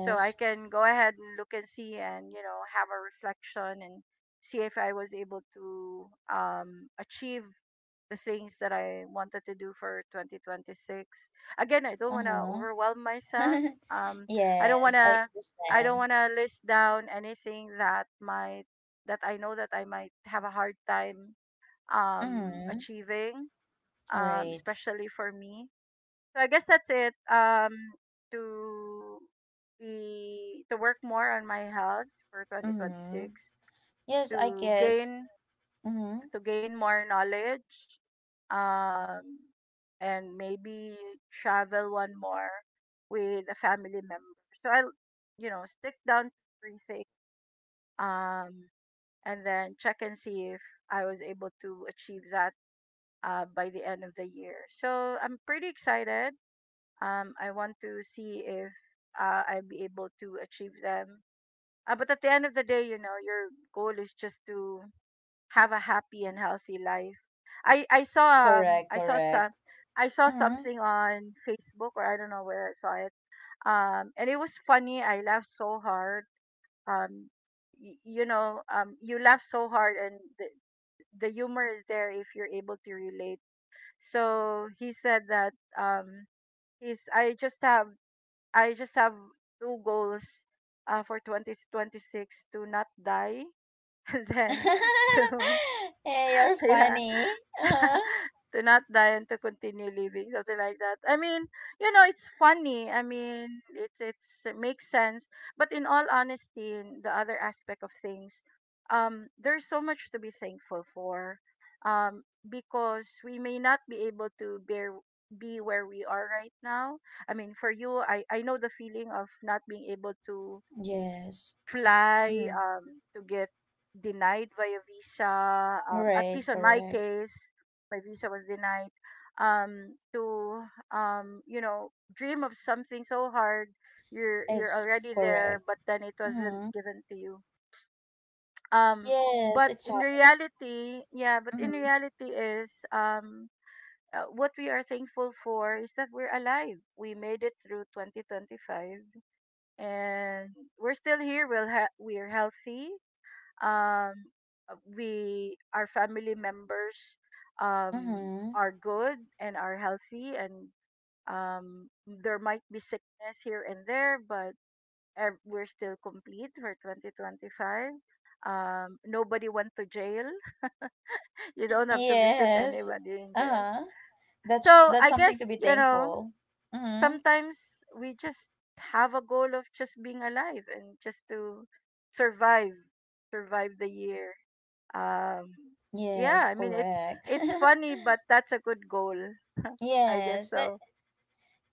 Speaker 2: so I can go ahead and look and see and have a reflection, and see if I was able to achieve the things that I wanted to do for 2026. Again, I don't want to
Speaker 1: Uh-huh.
Speaker 2: overwhelm myself. Um I don't want
Speaker 1: Yes, I
Speaker 2: to I don't
Speaker 1: understand.
Speaker 2: want to list down anything that I know that I might have a hard time
Speaker 1: Mm-hmm.
Speaker 2: achieving,
Speaker 1: Right.
Speaker 2: especially for me. So I guess that's it. To to work more on my health for
Speaker 1: Mm-hmm.
Speaker 2: 2026,
Speaker 1: Yes, I
Speaker 2: to
Speaker 1: guess.
Speaker 2: gain
Speaker 1: Mm-hmm.
Speaker 2: to gain more knowledge, um and maybe travel one more with a family member, so I'll stick down to everything, um and then check and see if I was able to achieve that, by the end of the year. So I'm pretty excited. I want to see if, I'll be able to achieve them. But at the end of the day, you know, your goal is just to have a happy and healthy life. I I saw um
Speaker 1: Correct,
Speaker 2: I saw some
Speaker 1: correct.
Speaker 2: I saw
Speaker 1: Mm-hmm.
Speaker 2: something on Facebook, or I don't know where I saw it. And it was funny. I laughed so hard. Um, you know, you laugh so hard, and the humor is there if you're able to relate. So he said that, um, he's I just have two goals, for 2026, to not die and then to
Speaker 1: Hey, you're
Speaker 2: yeah
Speaker 1: funny. Uh-huh.
Speaker 2: to not die and to continue living, something like that. I mean, you know, it's funny. I mean, it makes sense. But in all honesty, in the other aspect of things, there's so much to be thankful for, because we may not be able to bear be where we are right now. I mean, for you, I know the feeling of not being able to
Speaker 1: Yes.
Speaker 2: fly,
Speaker 1: Mm-hmm.
Speaker 2: to get denied via visa. At
Speaker 1: Right,
Speaker 2: least on my
Speaker 1: correct.
Speaker 2: case, my visa was denied. To you know, dream of something so hard, you're
Speaker 1: It's
Speaker 2: already there,
Speaker 1: correct.
Speaker 2: but then it wasn't
Speaker 1: Mhm.
Speaker 2: given to you. Um,
Speaker 1: Yes,
Speaker 2: but
Speaker 1: it's
Speaker 2: in
Speaker 1: hard.
Speaker 2: reality, yeah, but in
Speaker 1: Mm-hmm.
Speaker 2: reality is. What we are thankful for is that we're alive. We made it through 2025, and we're still here. We're healthy. Um we Our family members um
Speaker 1: Mm-hmm.
Speaker 2: are good and are healthy, and there might be sickness here and there, but we're still complete for 2025. Nobody went to jail. You don't have to visit
Speaker 1: Yes.
Speaker 2: anybody in jail.
Speaker 1: Uh-huh. That's
Speaker 2: So
Speaker 1: that's
Speaker 2: I
Speaker 1: something
Speaker 2: guess,
Speaker 1: to be
Speaker 2: you know,
Speaker 1: thankful. Mm-hmm.
Speaker 2: sometimes we just have a goal of just being alive, and just to survive survive the year. um yeah,
Speaker 1: Yes,
Speaker 2: I mean,
Speaker 1: correct.
Speaker 2: it's funny, but that's a good goal, I guess
Speaker 1: Yes, that.
Speaker 2: so.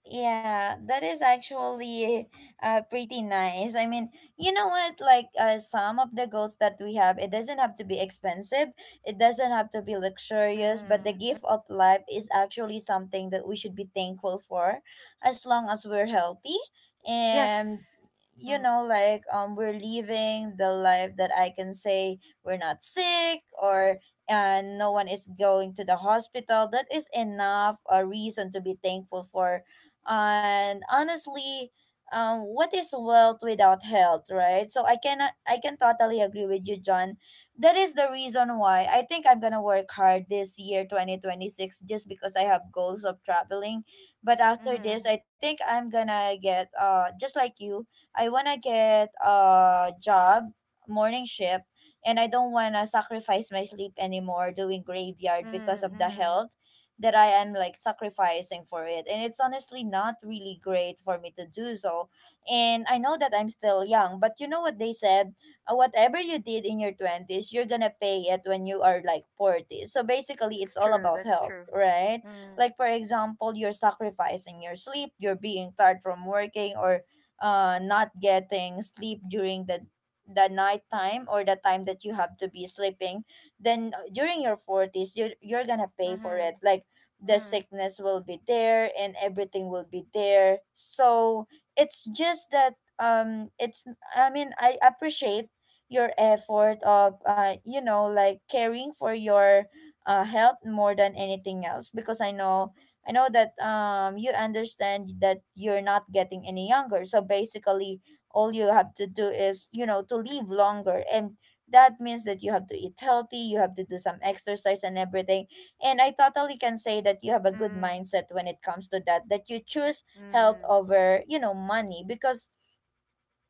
Speaker 1: Yeah, that is actually pretty nice. I mean, you know what? Like, some of the goals that we have, it doesn't have to be expensive. It doesn't have to be luxurious. But the
Speaker 2: Mm,
Speaker 1: gift of life is actually something that we should be thankful for, as long as we're healthy and,
Speaker 2: yes.
Speaker 1: you
Speaker 2: Mm,
Speaker 1: know, like we're living the life that I can say we're not sick or and no one is going to the hospital, that is enough a reason to be thankful for. And honestly, what is wealth without health, right? So I cannot, I can totally agree with you, John, that is the reason why I think I'm gonna work hard this year 2026, just because I have goals of traveling. But after this
Speaker 2: mm-hmm,
Speaker 1: I think I'm gonna get, just like you, I wanna get a job, morning shift, and I don't wanna sacrifice my sleep anymore doing graveyard
Speaker 2: mm-hmm,
Speaker 1: because of the
Speaker 2: mm-hmm.
Speaker 1: health that I am like sacrificing for it. And it's honestly not really great for me to do so. And I know that I'm still young, but you know what they said? Whatever you did in your 20s, you're gonna pay it when you are like 40. So basically,
Speaker 2: That's
Speaker 1: it's all
Speaker 2: true.
Speaker 1: about
Speaker 2: That's
Speaker 1: health,
Speaker 2: true.
Speaker 1: right?
Speaker 2: Mm,
Speaker 1: Like, for example, you're sacrificing your sleep, you're being tired from working, or not getting sleep during the night time or the time that you have to be sleeping, then during your 40s you're gonna pay for it,
Speaker 2: mm-hmm,
Speaker 1: like the
Speaker 2: mm,
Speaker 1: sickness will be there and everything will be there. So it's just that it's, I mean, I appreciate your effort of, you know, like caring for your health more than anything else, because I know that you understand that you're not getting any younger. So basically, all you have to do is, you know, to live longer, and that means that you have to eat healthy, you have to do some exercise and everything. And I totally can say that you have a good
Speaker 2: mm,
Speaker 1: mindset when it comes to that, that you choose health
Speaker 2: mm,
Speaker 1: over, you know, money, because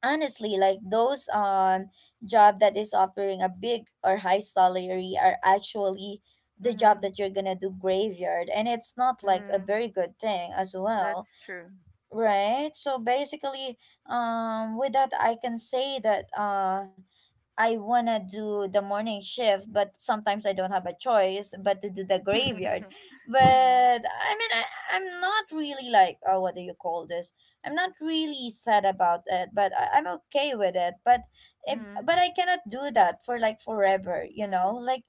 Speaker 1: honestly, like those job that is offering a big or high salary are actually the job
Speaker 2: mm-hmm,
Speaker 1: that you're gonna do graveyard, and it's not like a
Speaker 2: mm.
Speaker 1: very good thing as well,
Speaker 2: That's true.
Speaker 1: right? So basically, with that I can say that I wanna do the morning shift, but sometimes I don't have a choice but to do the graveyard.
Speaker 2: Mm, mm,
Speaker 1: But I mean, I'm not really like, oh, what do you call this? I'm not really sad about it, but I'm okay with it. But if but I cannot do that for like forever, you know,
Speaker 2: mm,
Speaker 1: like.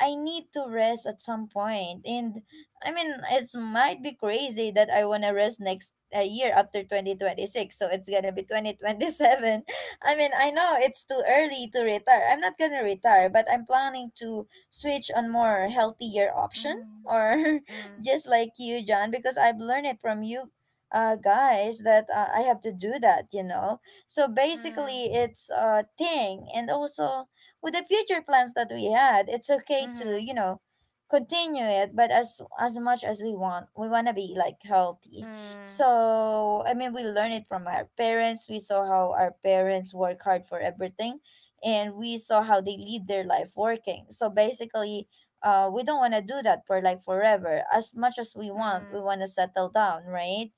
Speaker 1: I need to rest at some point, and I mean, it's might be crazy that I wanna rest next year after 2026, so it's gonna be 2027. I mean, I know it's too early to retire. I'm not gonna retire, but I'm planning to switch on more healthier option
Speaker 2: mm,
Speaker 1: or
Speaker 2: mm,
Speaker 1: just like you, John, because I've learned it from you guys that I have to do that, you know. So
Speaker 2: mm,
Speaker 1: basically it's a thing, and also with the future plans that we had, it's okay to,
Speaker 2: mhm,
Speaker 1: you know, continue it but as much as we want. We want to be like healthy.
Speaker 2: mm,
Speaker 1: So, I mean, we learn it from our parents. We saw how our parents work hard for everything, and we saw how they lead their life working. So basically, we don't want to do that for like forever. As much as we
Speaker 2: mm,
Speaker 1: want to settle down, right?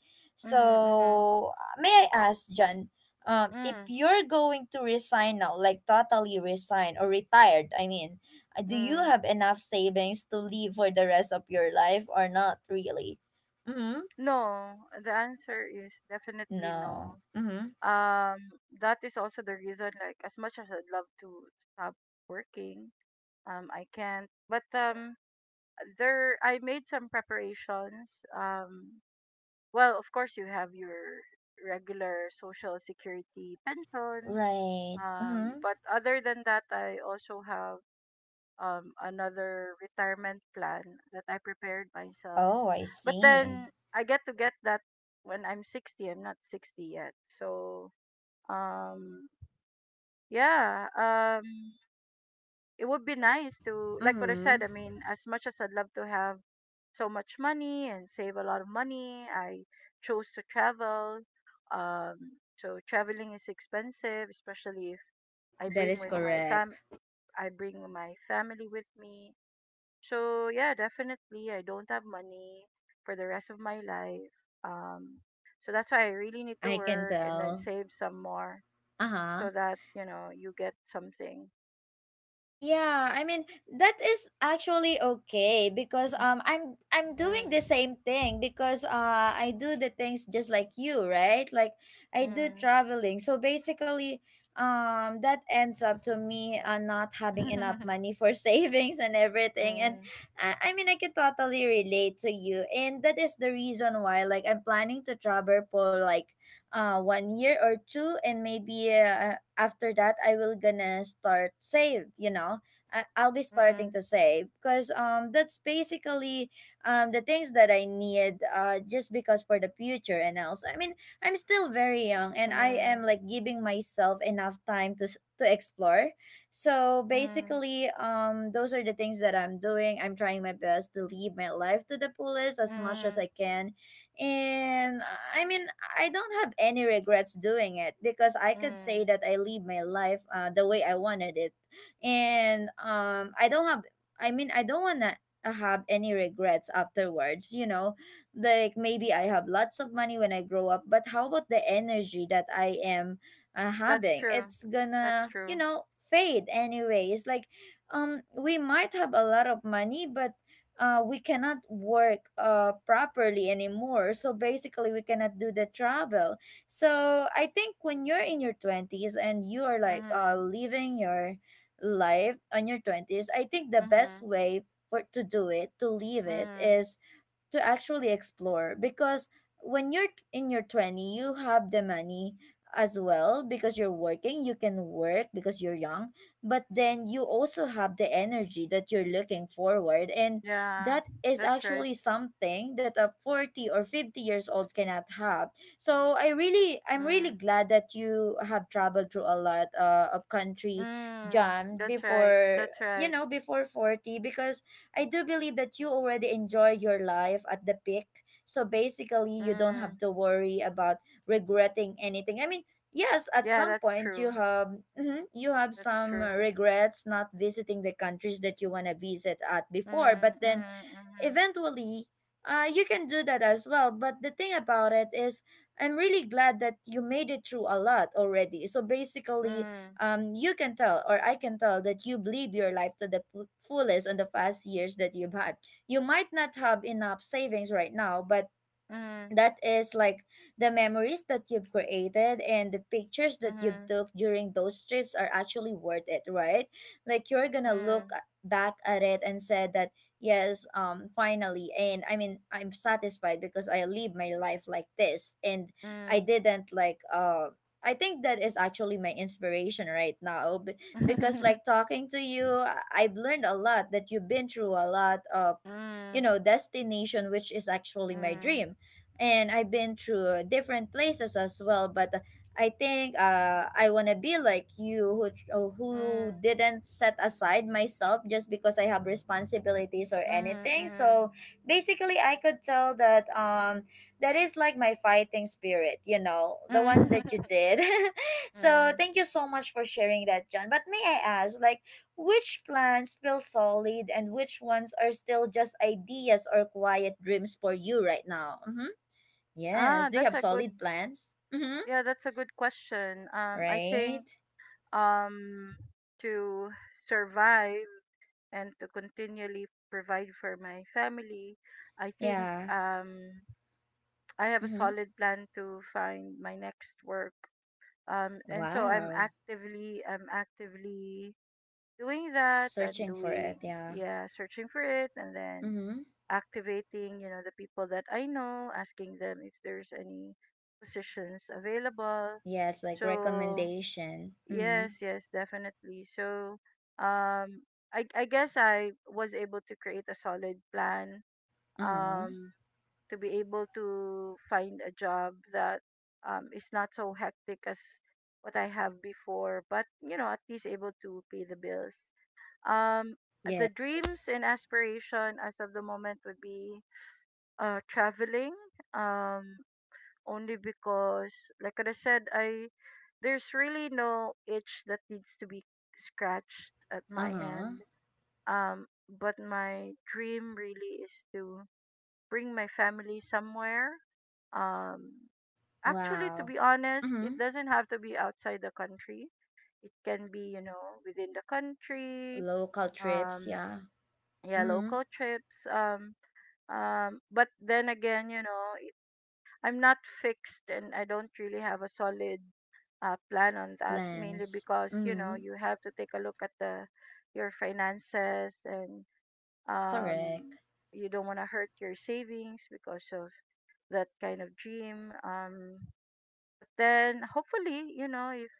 Speaker 2: mhm, mhm,
Speaker 1: So, may I ask, Jan, if
Speaker 2: mm,
Speaker 1: you're going to resign now, like totally resign or retired, I mean, do you
Speaker 2: mm.
Speaker 1: have enough savings to live for the rest of your life or not really? Mm-hmm.
Speaker 2: No, the answer is definitely
Speaker 1: No.
Speaker 2: no.
Speaker 1: Mm-hmm.
Speaker 2: Um, that is also the reason, like, as much as I'd love to stop working, I can't. But there, I made some preparations. Well, of course, you have your regular social security pension.
Speaker 1: Right.
Speaker 2: Um,
Speaker 1: Mm-hmm.
Speaker 2: but other than that, I also have another retirement plan that I prepared myself,
Speaker 1: Oh, I
Speaker 2: but
Speaker 1: see.
Speaker 2: then I get to get that when I'm 60. I'm not 60 yet. So, um, yeah, it would be nice to, like what I
Speaker 1: Mm-hmm.
Speaker 2: said, I mean, as much as I'd love to have so much money and save a lot of money, I chose to travel. So traveling is expensive, especially if I
Speaker 1: That
Speaker 2: bring
Speaker 1: is
Speaker 2: with my fam,
Speaker 1: correct.
Speaker 2: I bring my family with me. So yeah, definitely I don't have money for the rest of my life. Um so that's why I really need to
Speaker 1: I can
Speaker 2: work and then
Speaker 1: tell.
Speaker 2: save some more,
Speaker 1: Uh-huh.
Speaker 2: so that, you know, you get something.
Speaker 1: Yeah, I mean that is actually okay, because I'm doing the
Speaker 2: Mm.
Speaker 1: same thing, because I do the things just like you, right? Like, I do
Speaker 2: Mm.
Speaker 1: traveling. So basically that ends up to me not having enough money for savings and everything. And
Speaker 2: Mm.
Speaker 1: I mean I can totally relate to you, and that is the reason why, like, I'm planning to travel for like 1 year or two, and maybe after that I will gonna start save, you know, I'll be starting
Speaker 2: Mm.
Speaker 1: to save because that's basically the things that I need, just because for the future and else. I mean, I'm still very young and I
Speaker 2: Mm.
Speaker 1: am like giving myself enough time to to explore. So
Speaker 2: Mm.
Speaker 1: basically, those are the things that I'm doing. I'm trying my best to live my life to the fullest as much as
Speaker 2: Mm.
Speaker 1: I can. And I mean, I don't have any regrets doing it, because I could say
Speaker 2: Mm.
Speaker 1: that I live my life the way I wanted it. And I don't have, I mean, I don't want to have any regrets afterwards, you know. Like, maybe I have lots of money when I grow up, but how about the energy that I am
Speaker 2: That's
Speaker 1: having?
Speaker 2: true.
Speaker 1: It's
Speaker 2: That's
Speaker 1: gonna, you
Speaker 2: true.
Speaker 1: know, fade anyway. It's like we might have a lot of money, but we cannot work properly anymore. So basically, we cannot do the travel. So I think when you're in your 20s and you are like
Speaker 2: Mhm.
Speaker 1: living your life on your 20s, I think the best
Speaker 2: Mhm.
Speaker 1: way for to do it, to live it,
Speaker 2: Mm.
Speaker 1: is to actually explore, because when you're in your 20 you have the money as well because you're working, you can work because you're young, but then you also have the energy that you're looking forward, and
Speaker 2: Yeah.
Speaker 1: that is
Speaker 2: That's right.
Speaker 1: actually something that a 40 or 50 years old cannot have. So I really, I'm really
Speaker 2: Mm.
Speaker 1: glad that you have traveled through a lot of country,
Speaker 2: Mm.
Speaker 1: John,
Speaker 2: That's right.
Speaker 1: before,
Speaker 2: That's
Speaker 1: you
Speaker 2: right.
Speaker 1: know, before 40, because I do believe that you already enjoy your life at the peak. So basically, you don't have
Speaker 2: Mm.
Speaker 1: to worry about regretting anything. I mean, yes, at
Speaker 2: Yeah,
Speaker 1: some
Speaker 2: that's
Speaker 1: point you
Speaker 2: true.
Speaker 1: have you have
Speaker 2: That's
Speaker 1: some
Speaker 2: true.
Speaker 1: regrets not visiting the countries that you want to visit at before,
Speaker 2: Mm,
Speaker 1: but then
Speaker 2: mm,
Speaker 1: eventually you can do that as well, but the thing about it is I'm really glad that you made it through a lot already. So basically,
Speaker 2: mm,
Speaker 1: you can tell, or I can tell, that you live your life to the fullest on the past years that you've had. You might not have enough savings right now, but
Speaker 2: mm,
Speaker 1: that is like the memories that you've created and the pictures that you
Speaker 2: mm,
Speaker 1: took during those trips are actually worth it, right? Like you're gonna
Speaker 2: mm,
Speaker 1: look back at it and said that, yes, finally, and I mean I'm satisfied because I live my life like this. And
Speaker 2: mm,
Speaker 1: I
Speaker 2: mm.
Speaker 1: didn't like, I think that is actually my inspiration right now, because like talking to you, I've learned a lot that you've been through a lot of, you
Speaker 2: Mm,
Speaker 1: know, destination which is actually my
Speaker 2: mm,
Speaker 1: dream. And I've been through different places as well, but I think I want to be like you, who
Speaker 2: mm,
Speaker 1: who
Speaker 2: mm,
Speaker 1: didn't set aside myself just because I have responsibilities or
Speaker 2: mhm,
Speaker 1: anything.
Speaker 2: mhm.
Speaker 1: So basically, I could tell that that is like my fighting spirit, you know, the one that you did. So
Speaker 2: Mm.
Speaker 1: thank you so much for sharing that, John, but may I ask, like, which plans feel solid and which ones are still just ideas or quiet dreams for you right now? Mm-hmm.
Speaker 2: Ah,
Speaker 1: Yes. Do you
Speaker 2: that's
Speaker 1: have
Speaker 2: a good,
Speaker 1: solid plans? Mm-hmm.
Speaker 2: yeah, that's a good question. I think,
Speaker 1: Right?
Speaker 2: um to survive and to continually provide for my family, I think
Speaker 1: Yeah.
Speaker 2: I have a
Speaker 1: Mm-hmm.
Speaker 2: solid plan to find my next work, and so i'm
Speaker 1: Wow.
Speaker 2: actively i'm actively doing that, I'm
Speaker 1: Searching for it.
Speaker 2: doing.
Speaker 1: Yeah.
Speaker 2: Yeah, searching for it, and then
Speaker 1: Mm-hmm.
Speaker 2: activating, you know, the people that I know, asking them if there's any positions available.
Speaker 1: Yes, like
Speaker 2: So
Speaker 1: recommendation. Mm-hmm.
Speaker 2: yes, yes, definitely so. Um i i guess I was able to create a solid plan,
Speaker 1: Uh-huh.
Speaker 2: um to be able to find a job that, is not so hectic as what I have before, but you know, at least able to pay the bills. Um, the dreams
Speaker 1: Yes.
Speaker 2: and aspiration as of the moment would be, traveling. Um, only because, like I said, I there's really no itch that needs to be scratched at my
Speaker 1: Uh-huh.
Speaker 2: end. Um, but my dream really is to bring my family somewhere. Um, actually, to
Speaker 1: Wow.
Speaker 2: be honest, it
Speaker 1: Mm-hmm.
Speaker 2: doesn't have to be outside the country. It can be, you know, within the country.
Speaker 1: Local trips.
Speaker 2: Um,
Speaker 1: Yeah.
Speaker 2: yeah,
Speaker 1: Mm-hmm.
Speaker 2: local trips. But then again, you know, I'm not fixed and I don't really have a solid, plan on that, mainly
Speaker 1: Plans.
Speaker 2: because you know
Speaker 1: Mm-hmm.
Speaker 2: you have to take a look at the your finances, and um,
Speaker 1: Correct.
Speaker 2: you don't want to hurt your savings because of that kind of dream. But then hopefully, you know, if,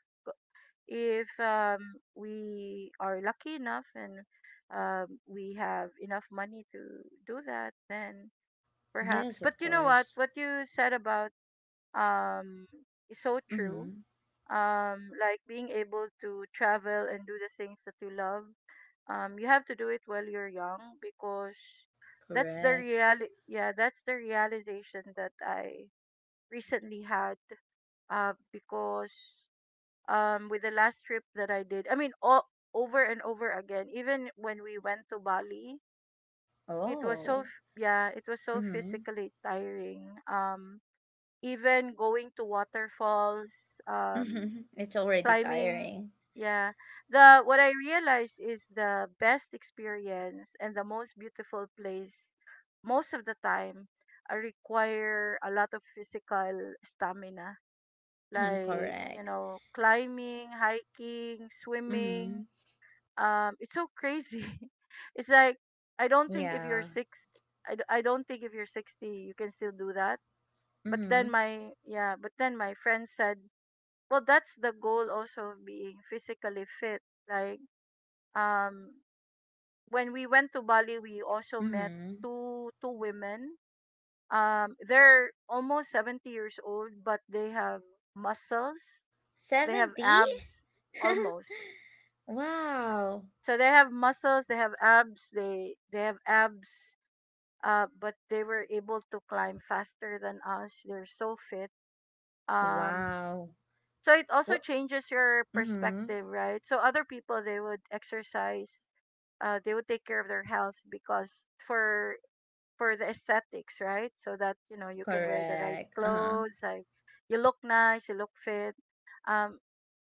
Speaker 2: if um, we are lucky enough, and we have enough money to do that, then perhaps.
Speaker 1: Yes,
Speaker 2: But
Speaker 1: of
Speaker 2: you know what?
Speaker 1: course.
Speaker 2: What you said about, um, is so true.
Speaker 1: Mm-hmm.
Speaker 2: Like being able to travel and do the things that you love. You have to do it while you're young because that's the
Speaker 1: Correct.
Speaker 2: real yeah that's the realization that I recently had, because with the last trip that I did, I mean, over and over again. Even when we went to Bali, it was so,
Speaker 1: Oh.
Speaker 2: f- yeah, it was so
Speaker 1: Mm-hmm.
Speaker 2: physically tiring. Even going to waterfalls, um,
Speaker 1: It's already
Speaker 2: climbing,
Speaker 1: tiring.
Speaker 2: yeah. The What I realized is the best experience and the most beautiful place most of the time require a lot of physical stamina, like,
Speaker 1: Correct.
Speaker 2: climbing, hiking,
Speaker 1: Mm-hmm.
Speaker 2: swimming. It's so crazy. It's like, i don't think if you're
Speaker 1: Yeah.
Speaker 2: six I don't think if you're 60 you can still do that.
Speaker 1: Mm-hmm.
Speaker 2: But then my friend said, well, that's the goal also of being physically fit, like. um when we went to Bali we also met
Speaker 1: Mm-hmm.
Speaker 2: two women. They're almost 70 years old but they have muscles, they have
Speaker 1: 70?
Speaker 2: abs, almost.
Speaker 1: Wow.
Speaker 2: So they have muscles, they have abs, they have abs, but they were able to climb faster than us. They're so fit. um
Speaker 1: Wow.
Speaker 2: so it also
Speaker 1: What?
Speaker 2: changes your
Speaker 1: Mm-hmm.
Speaker 2: perspective, right? So other people, they would exercise, they would take care of their health because for the aesthetics, right? So that, you can wear the right
Speaker 1: Correct. Uh-huh.
Speaker 2: clothes, like, you look nice, you look fit. um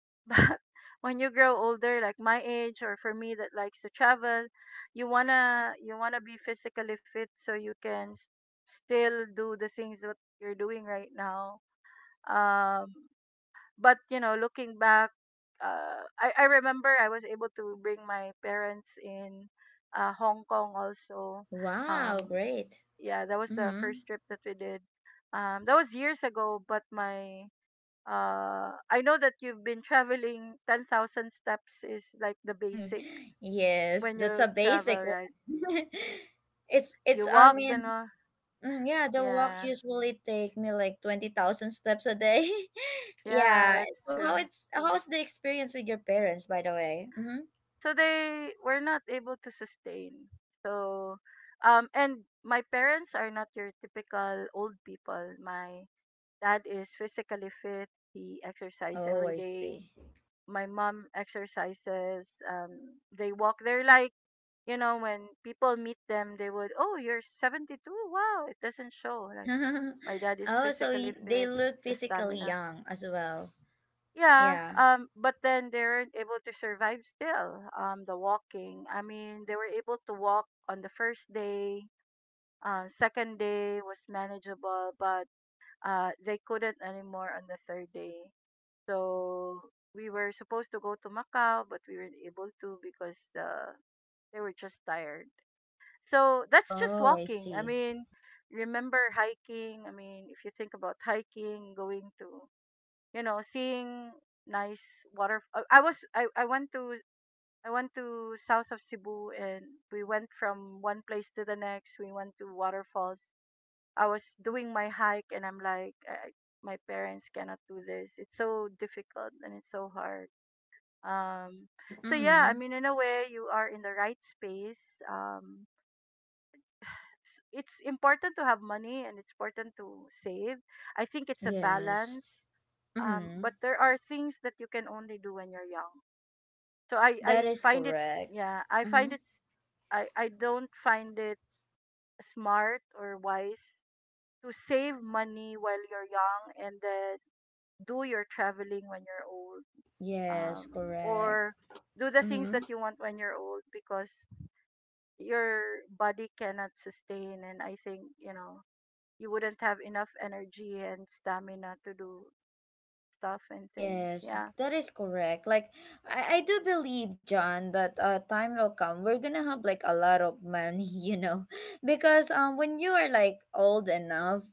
Speaker 2: but when you grow older, like my age, or for me that likes to travel, you wanna be physically fit so you can still do the things that you're doing right now. um but you know, looking back, I remember I was able to bring my parents in, Hong Kong also.
Speaker 1: Wow.
Speaker 2: um
Speaker 1: Great.
Speaker 2: yeah, that was the
Speaker 1: Mm-hmm.
Speaker 2: first trip that we did. That was years ago, but my I know that you've been traveling, 10,000 steps is like the basic
Speaker 1: Yes.
Speaker 2: when
Speaker 1: That's
Speaker 2: you
Speaker 1: a
Speaker 2: travel,
Speaker 1: basic one.
Speaker 2: right?
Speaker 1: It's,
Speaker 2: You
Speaker 1: I
Speaker 2: walk you
Speaker 1: mean,
Speaker 2: know.
Speaker 1: mm, yeah, the walk
Speaker 2: Yeah.
Speaker 1: usually take me like 20,000 steps a day.
Speaker 2: Yeah,
Speaker 1: Yeah.
Speaker 2: that's
Speaker 1: So how
Speaker 2: true.
Speaker 1: it's how's the experience with your parents, by the way? Mhm.
Speaker 2: So they were not able to sustain. So and my parents are not your typical old people. My dad is physically fit. He exercises
Speaker 1: Oh,
Speaker 2: every
Speaker 1: I
Speaker 2: day.
Speaker 1: see.
Speaker 2: My mom exercises. They walk. They're like, when people meet them, they would, oh, you're 72. Wow, it doesn't show. Like, my dad is
Speaker 1: Oh, so
Speaker 2: physically
Speaker 1: they
Speaker 2: fit,
Speaker 1: look
Speaker 2: the
Speaker 1: physically
Speaker 2: stamina.
Speaker 1: young as well.
Speaker 2: Yeah,
Speaker 1: Yeah.
Speaker 2: but then they weren't able to survive still. The walking. I mean, they were able to walk on the first day. Second day was manageable, but they couldn't anymore on the third day. So we were supposed to go to Macau, but we weren't able to because they were just tired. So that's just
Speaker 1: Oh, I
Speaker 2: walking. I
Speaker 1: see.
Speaker 2: mean, remember hiking. I mean, if you think about hiking, going to, seeing nice water. I was I went to south of Cebu and we went from one place to the next. We went to waterfalls. I was doing my hike and I'm like, my parents cannot do this. It's so difficult and it's so hard. Um, so yeah, I
Speaker 1: Mhm.
Speaker 2: mean, in a way, you are in the right space. It's important to have money and it's important to save. I think it's a
Speaker 1: Yes.
Speaker 2: balance. But
Speaker 1: Mhm.
Speaker 2: there are things that you can only do when you're young. So I,
Speaker 1: That
Speaker 2: I
Speaker 1: is
Speaker 2: find it,
Speaker 1: correct.
Speaker 2: yeah, I find
Speaker 1: Mhm.
Speaker 2: it, s- I don't find it smart or wise to save money while you're young and then do your traveling when you're old.
Speaker 1: Yes, correct.
Speaker 2: Or do the things
Speaker 1: Mhm.
Speaker 2: that you want when you're old because your body cannot sustain. And I think, you wouldn't have enough energy and stamina to do stuff and things.
Speaker 1: Yes,
Speaker 2: Yeah.
Speaker 1: that is correct. Like I do believe, John, that a time will come we're gonna have like a lot of money, you know, because when you are like old enough,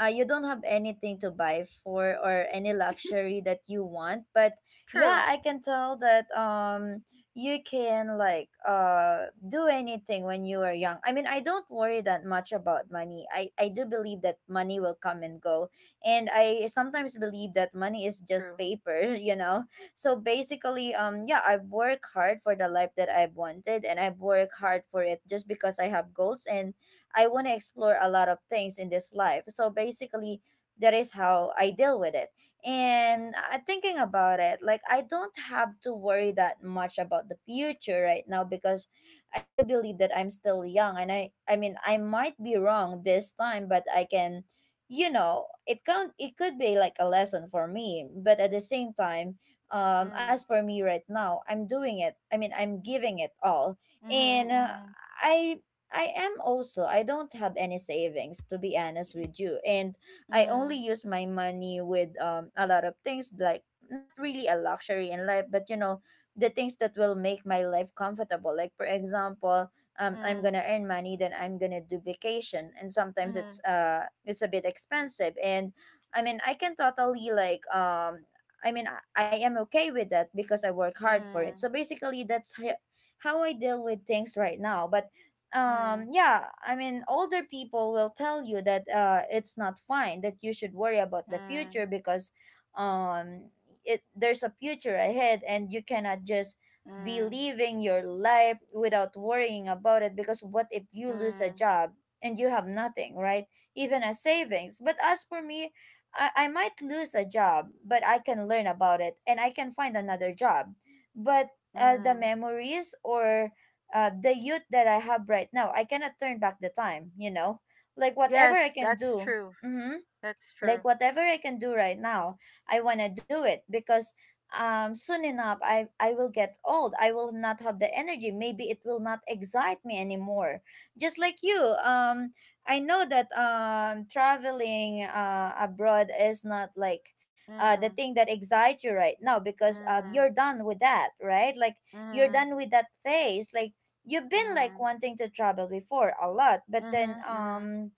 Speaker 1: you don't have anything to buy for or any luxury that you want. But
Speaker 2: True.
Speaker 1: yeah, I can tell that you can like do anything when you are young. I mean, I don't worry that much about money. I do believe that money will come and go, and I sometimes believe that money is just
Speaker 2: True.
Speaker 1: paper. You know, so basically, yeah, I work hard for the life that I've wanted, and I work hard for it just because I have goals, and I want to explore a lot of things in this life. So basically, that is how I deal with it. And thinking about it, like, I don't have to worry that much about the future right now because I do believe that I'm still young. And I mean, I might be wrong this time, but I can, you know, it can, it could be like a lesson for me, but at the same time, as
Speaker 2: Mm.
Speaker 1: for me right now, I'm doing it. I mean, I'm giving it all.
Speaker 2: Mm-hmm,
Speaker 1: And
Speaker 2: mm-hmm,
Speaker 1: I am also, I don't have any savings, to be honest with you. And I only
Speaker 2: mm,
Speaker 1: use my money with, a lot of things like not really a luxury in life, but you know, the things that will make my life comfortable. Like for example, I'm
Speaker 2: mm,
Speaker 1: gonna earn money, then I'm gonna do vacation, and sometimes
Speaker 2: mm,
Speaker 1: it's a bit expensive. And I mean, I can totally like, I mean, I am okay with that because I work hard for it.
Speaker 2: mm,
Speaker 1: So basically, that's how I deal with things right now. But
Speaker 2: mm,
Speaker 1: yeah, I mean, older people will tell you that it's not fine, that you should worry about the future,
Speaker 2: mm,
Speaker 1: because um it there's a future ahead and you cannot just be
Speaker 2: mm,
Speaker 1: living your life without worrying about it, because what if you lose a
Speaker 2: mm,
Speaker 1: job and you have nothing, right? Even a savings. But as for me, I might lose a job, but I can learn about it and I can find another job. But the
Speaker 2: mm.
Speaker 1: memories, or the youth that I have right now, I cannot turn back the time, you know, like whatever I
Speaker 2: Yes,
Speaker 1: can
Speaker 2: that's
Speaker 1: do.
Speaker 2: true.
Speaker 1: mhm,
Speaker 2: That's
Speaker 1: like
Speaker 2: true.
Speaker 1: whatever I can do right now, I want to do it because soon enough, I will get old. I will not have the energy. Maybe it will not excite me anymore. Just like you, I know that traveling abroad is not like the thing
Speaker 2: Mm,
Speaker 1: that excites you right now because you're
Speaker 2: mm,
Speaker 1: done with that, right? Like you're
Speaker 2: mm,
Speaker 1: done with that phase. Like you've been like
Speaker 2: mm,
Speaker 1: wanting to travel before a lot, but then
Speaker 2: mm-hmm, mm-hmm.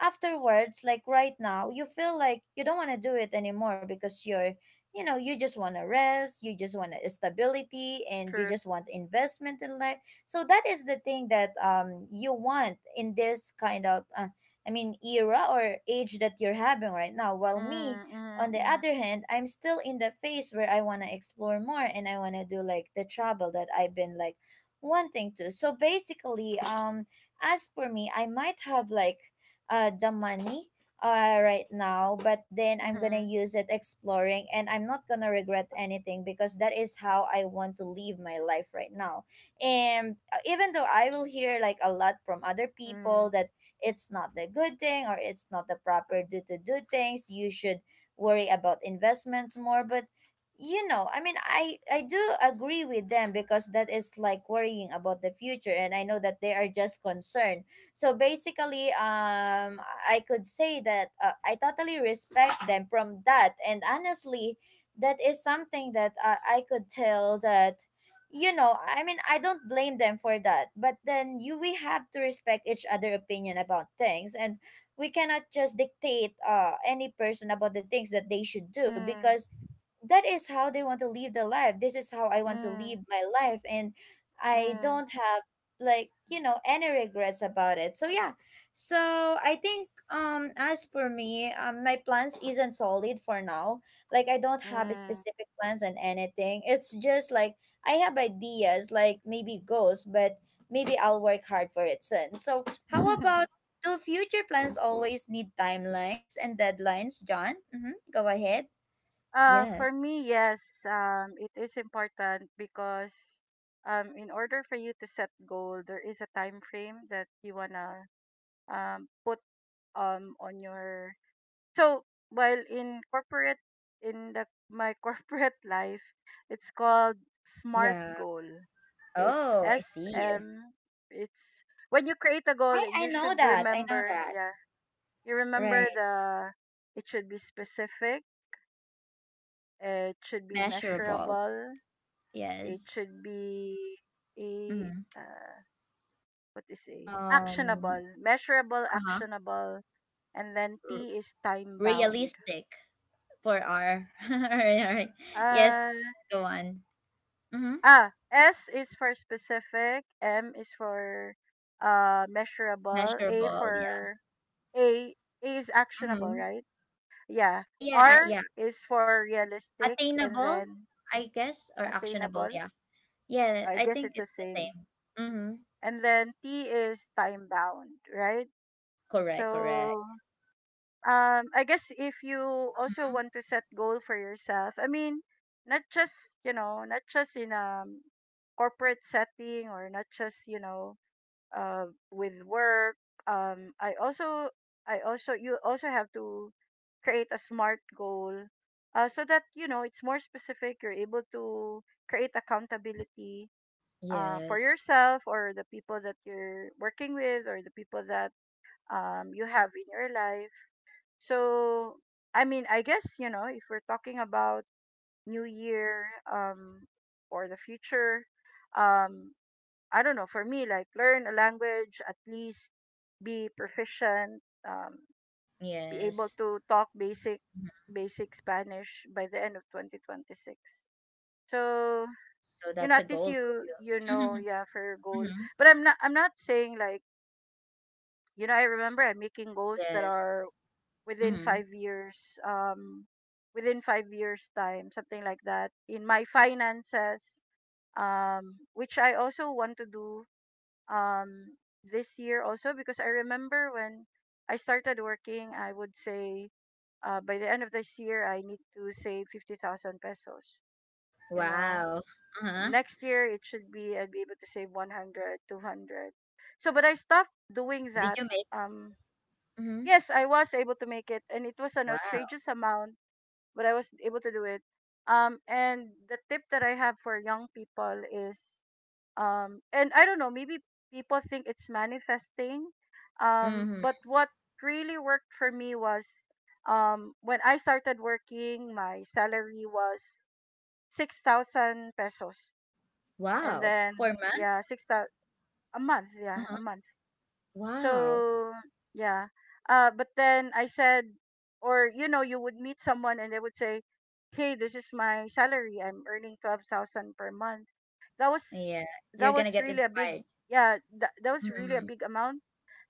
Speaker 1: afterwards, like right now, you feel like you don't want to do it anymore because you're, you know, you just want to rest, you just want stability, and you
Speaker 2: True.
Speaker 1: just want investment in life. So that is the thing that you want in this kind of I mean era or age that you're having right now. While me,
Speaker 2: Mm,
Speaker 1: on the
Speaker 2: mm,
Speaker 1: other hand, I'm still in the phase where I want to explore more and I want to do like the travel that I've been like wanting to. So basically, as for me, I might have like the money right now, but then I'm gonna
Speaker 2: mm,
Speaker 1: use it exploring, and I'm not gonna regret anything because that is how I want to live my life right now. And even though I will hear like a lot from other people
Speaker 2: mm,
Speaker 1: that it's not the good thing or it's not the proper do to do things, you should worry about investments more, but you know, I mean, I do agree with them because that is like worrying about the future, and I know that they are just concerned. So basically, I could say that I totally respect them from that. And honestly, that is something that I could tell that, you know, I mean, I don't blame them for that. But then you, we have to respect each other opinion about things, and we cannot just dictate any person about the things that they should do,
Speaker 2: mm,
Speaker 1: because that is how they want to live their life. This is how I want to
Speaker 2: mm,
Speaker 1: live my life. And I
Speaker 2: mm,
Speaker 1: don't have, like, you know, any regrets about it. So yeah. So I think, as for me, my plans isn't solid for now. Like I don't have
Speaker 2: mm,
Speaker 1: specific plans on anything. It's just like I have ideas, like maybe goals, but maybe I'll work hard for it soon. So how about,
Speaker 2: mm.
Speaker 1: do future plans always need timelines and deadlines, John? Mm-hmm. Go ahead. Yes.
Speaker 2: For me, yes, it is important because, in order for you to set goal, there is a time frame that you wanna put on your. So while in corporate, in the my corporate life, it's called SMART
Speaker 1: Yeah.
Speaker 2: goal. It's
Speaker 1: Oh, I
Speaker 2: S
Speaker 1: see.
Speaker 2: M. It's when you create a goal,
Speaker 1: I
Speaker 2: you
Speaker 1: know
Speaker 2: should
Speaker 1: that. I know
Speaker 2: remember.
Speaker 1: that.
Speaker 2: Yeah, you remember
Speaker 1: Right.
Speaker 2: the. It should be specific. It should be
Speaker 1: Measurable.
Speaker 2: measurable. It
Speaker 1: Yes.
Speaker 2: should be a
Speaker 1: Mm-hmm.
Speaker 2: what is a
Speaker 1: Um,
Speaker 2: actionable, measurable,
Speaker 1: uh-huh.
Speaker 2: actionable, and then
Speaker 1: R,
Speaker 2: T is time bound.
Speaker 1: realistic for R. All right, all right. Yes,
Speaker 2: Uh,
Speaker 1: go on. Mm-hmm.
Speaker 2: S is for specific, M is for measurable, A
Speaker 1: Measurable, yeah.
Speaker 2: for A A is actionable,
Speaker 1: Mm-hmm.
Speaker 2: right? Yeah.
Speaker 1: Yeah,
Speaker 2: R
Speaker 1: yeah.
Speaker 2: is for realistic, and
Speaker 1: Attainable,
Speaker 2: then
Speaker 1: I guess, or actionable,
Speaker 2: attainable.
Speaker 1: yeah. Yeah,
Speaker 2: I
Speaker 1: I
Speaker 2: guess
Speaker 1: think
Speaker 2: it's the
Speaker 1: it's the
Speaker 2: same.
Speaker 1: same. Mm-hmm.
Speaker 2: And then T is time bound, right?
Speaker 1: Correct, correct.
Speaker 2: So I guess if you also
Speaker 1: Mhm.
Speaker 2: want to set goal for yourself, I mean, not just, not just in a corporate setting, or not just, with work. Um I also you also have to create a smart goal, so that, it's more specific. You're able to create accountability for
Speaker 1: Yes.
Speaker 2: yourself, or the people that you're working with, or the people that you have in your life. So, I mean, I guess, if we're talking about new year, um or the future, um I don't know, for me, like, learn a language, at least be proficient, um be able
Speaker 1: Yes.
Speaker 2: to talk basic
Speaker 1: Mhm.
Speaker 2: basic Spanish by the end of 2026. So,
Speaker 1: So that's a
Speaker 2: at least
Speaker 1: goal for you.
Speaker 2: you have your goal.
Speaker 1: Mhm.
Speaker 2: But I'm not saying like, I remember I'm making goals that
Speaker 1: Yes.
Speaker 2: are within
Speaker 1: Mhm.
Speaker 2: 5 years. um Within 5 years time, something like that in my finances, which I also want to do um this year also, because I remember when I started working I would say, by the end of this year I need to save 50,000 pesos. you know
Speaker 1: Wow. Uh-huh.
Speaker 2: Next year, it should be I'd be able to save 100, 200. So, but I stopped doing
Speaker 1: Did you
Speaker 2: that.
Speaker 1: make?
Speaker 2: um
Speaker 1: Mhm.
Speaker 2: yes, I was able to make it, and it was an
Speaker 1: Wow.
Speaker 2: outrageous amount, but I was able to do it. And the tip that I have for young people is, and I don't know, maybe people think it's manifesting,
Speaker 1: Mhm.
Speaker 2: but what really worked for me was, when I started working, my salary was 6,000 pesos, and
Speaker 1: Wow.
Speaker 2: then
Speaker 1: For math?
Speaker 2: yeah, 6,000 a month, yeah,
Speaker 1: Uh-huh.
Speaker 2: a month.
Speaker 1: Wow.
Speaker 2: So yeah. But then I said, or, you would meet someone and they would say, "Hey, this is my salary. I'm earning 12,000 per month." That was
Speaker 1: Yeah. You're
Speaker 2: that
Speaker 1: gonna
Speaker 2: was
Speaker 1: get
Speaker 2: really a big
Speaker 1: inspired.
Speaker 2: yeah. That was really a
Speaker 1: Mhm.
Speaker 2: big amount.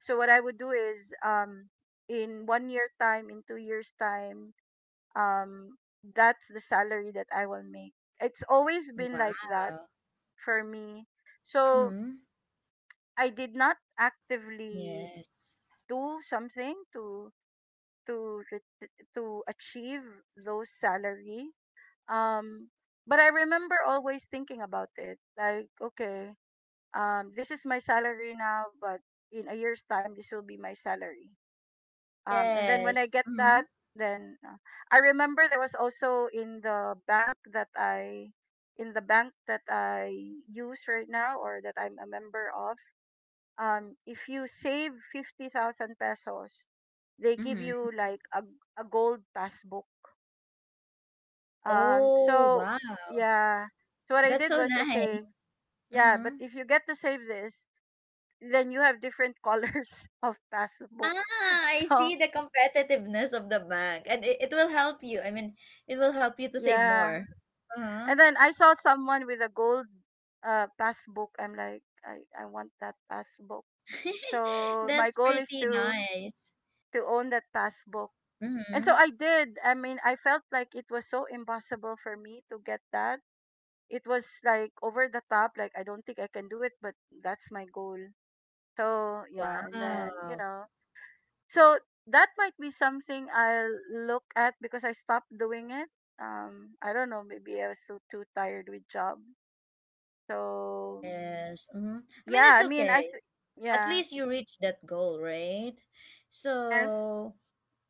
Speaker 2: So what I would do is, in 1 year time, in 2 years time, um, that's the salary that I will make. It's always been like that
Speaker 1: Wow.
Speaker 2: for me. So
Speaker 1: Mhm.
Speaker 2: I did not actively
Speaker 1: Yes.
Speaker 2: do something to achieve those salary. um but I remember always thinking about it, like, okay, this is my salary now, but in a year's time this will be my salary. And then when I
Speaker 1: Yes.
Speaker 2: get
Speaker 1: Mhm.
Speaker 2: that, then, I remember there was also in the bank that I use right now, or that I'm a member of. If you save 50,000 pesos they give
Speaker 1: Mhm.
Speaker 2: you like a gold passbook.
Speaker 1: Oh,
Speaker 2: So
Speaker 1: wow.
Speaker 2: yeah. So what I
Speaker 1: That's
Speaker 2: did
Speaker 1: so
Speaker 2: was,
Speaker 1: nice.
Speaker 2: okay, yeah, but
Speaker 1: Mhm.
Speaker 2: if you get to save this, then you have different colors of passbook.
Speaker 1: Ah, I
Speaker 2: So
Speaker 1: see the competitiveness of the bank, and it will help you. I mean, it will help you to save
Speaker 2: yeah.
Speaker 1: more. Uh-huh.
Speaker 2: And then I saw someone with a gold passbook. I'm like, I want that passbook. So my
Speaker 1: That's
Speaker 2: goal is
Speaker 1: pretty
Speaker 2: to
Speaker 1: nice.
Speaker 2: to own that passbook. And so
Speaker 1: Mm-hmm.
Speaker 2: I did. I mean, I felt like it was so impossible for me to get that. It was like over the top, like I don't think I can do it, but that's my goal. So yeah. And then,
Speaker 1: Wow.
Speaker 2: so that might be something I'll look at because I stopped doing it. I don't know, maybe I was so too tired with job. So
Speaker 1: Yes. Mm-hmm. I mean,
Speaker 2: yeah,
Speaker 1: it's
Speaker 2: I mean,
Speaker 1: okay. At
Speaker 2: yeah.
Speaker 1: least you reached that goal, right?
Speaker 2: Yes.
Speaker 1: So,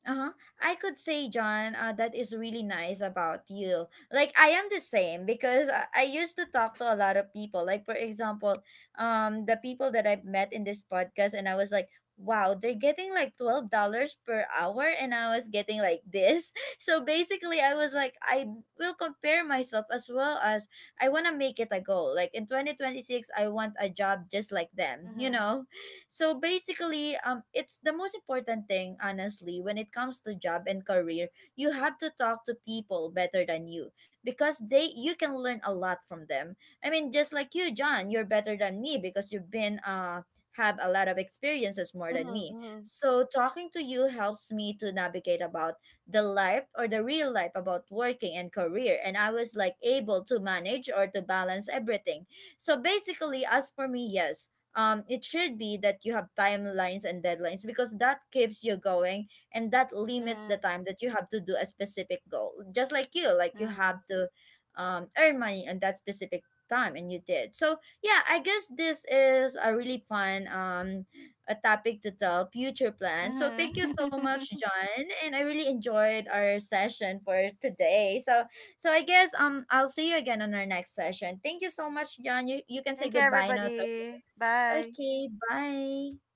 Speaker 1: uh-huh. I could say, John, that is really nice about you. Like I am the same, because I used to talk to a lot of people. Like for example, the people that I've met in this podcast. And I was like, wow, they're getting like $12 per hour, and I was getting like this. So basically, I was like, I will compare myself, as well as I wanna make it a goal. Like in 2026, I want a job just like them. You
Speaker 2: Mm-hmm.
Speaker 1: know. So basically, it's the most important thing, honestly, when it comes to job and career. You have to talk to people better than you because they, you can learn a lot from them. I mean, just like you, John, you're better than me because you've been have a lot of experiences more than me.
Speaker 2: Mm-hmm.
Speaker 1: So talking to you helps me to navigate about the life or the real life about working and career, and I was like able to manage or to balance everything. So basically, as for me, yes, it should be that you have timelines and deadlines, because that keeps you going, and that limits the
Speaker 2: Mm-hmm.
Speaker 1: time that you have to do a specific goal. Just like you have to earn money on that specific time, and you did. So yeah, I guess this is a really fun, a topic to tell future plans. So thank you so much,
Speaker 2: Mm-hmm.
Speaker 1: John, and I really enjoyed our session for today. So so I guess I'll see you again on our next session. Thank you so much, John. You can say
Speaker 2: Thank you,
Speaker 1: goodbye now to,
Speaker 2: everybody. Bye.
Speaker 1: okay, bye.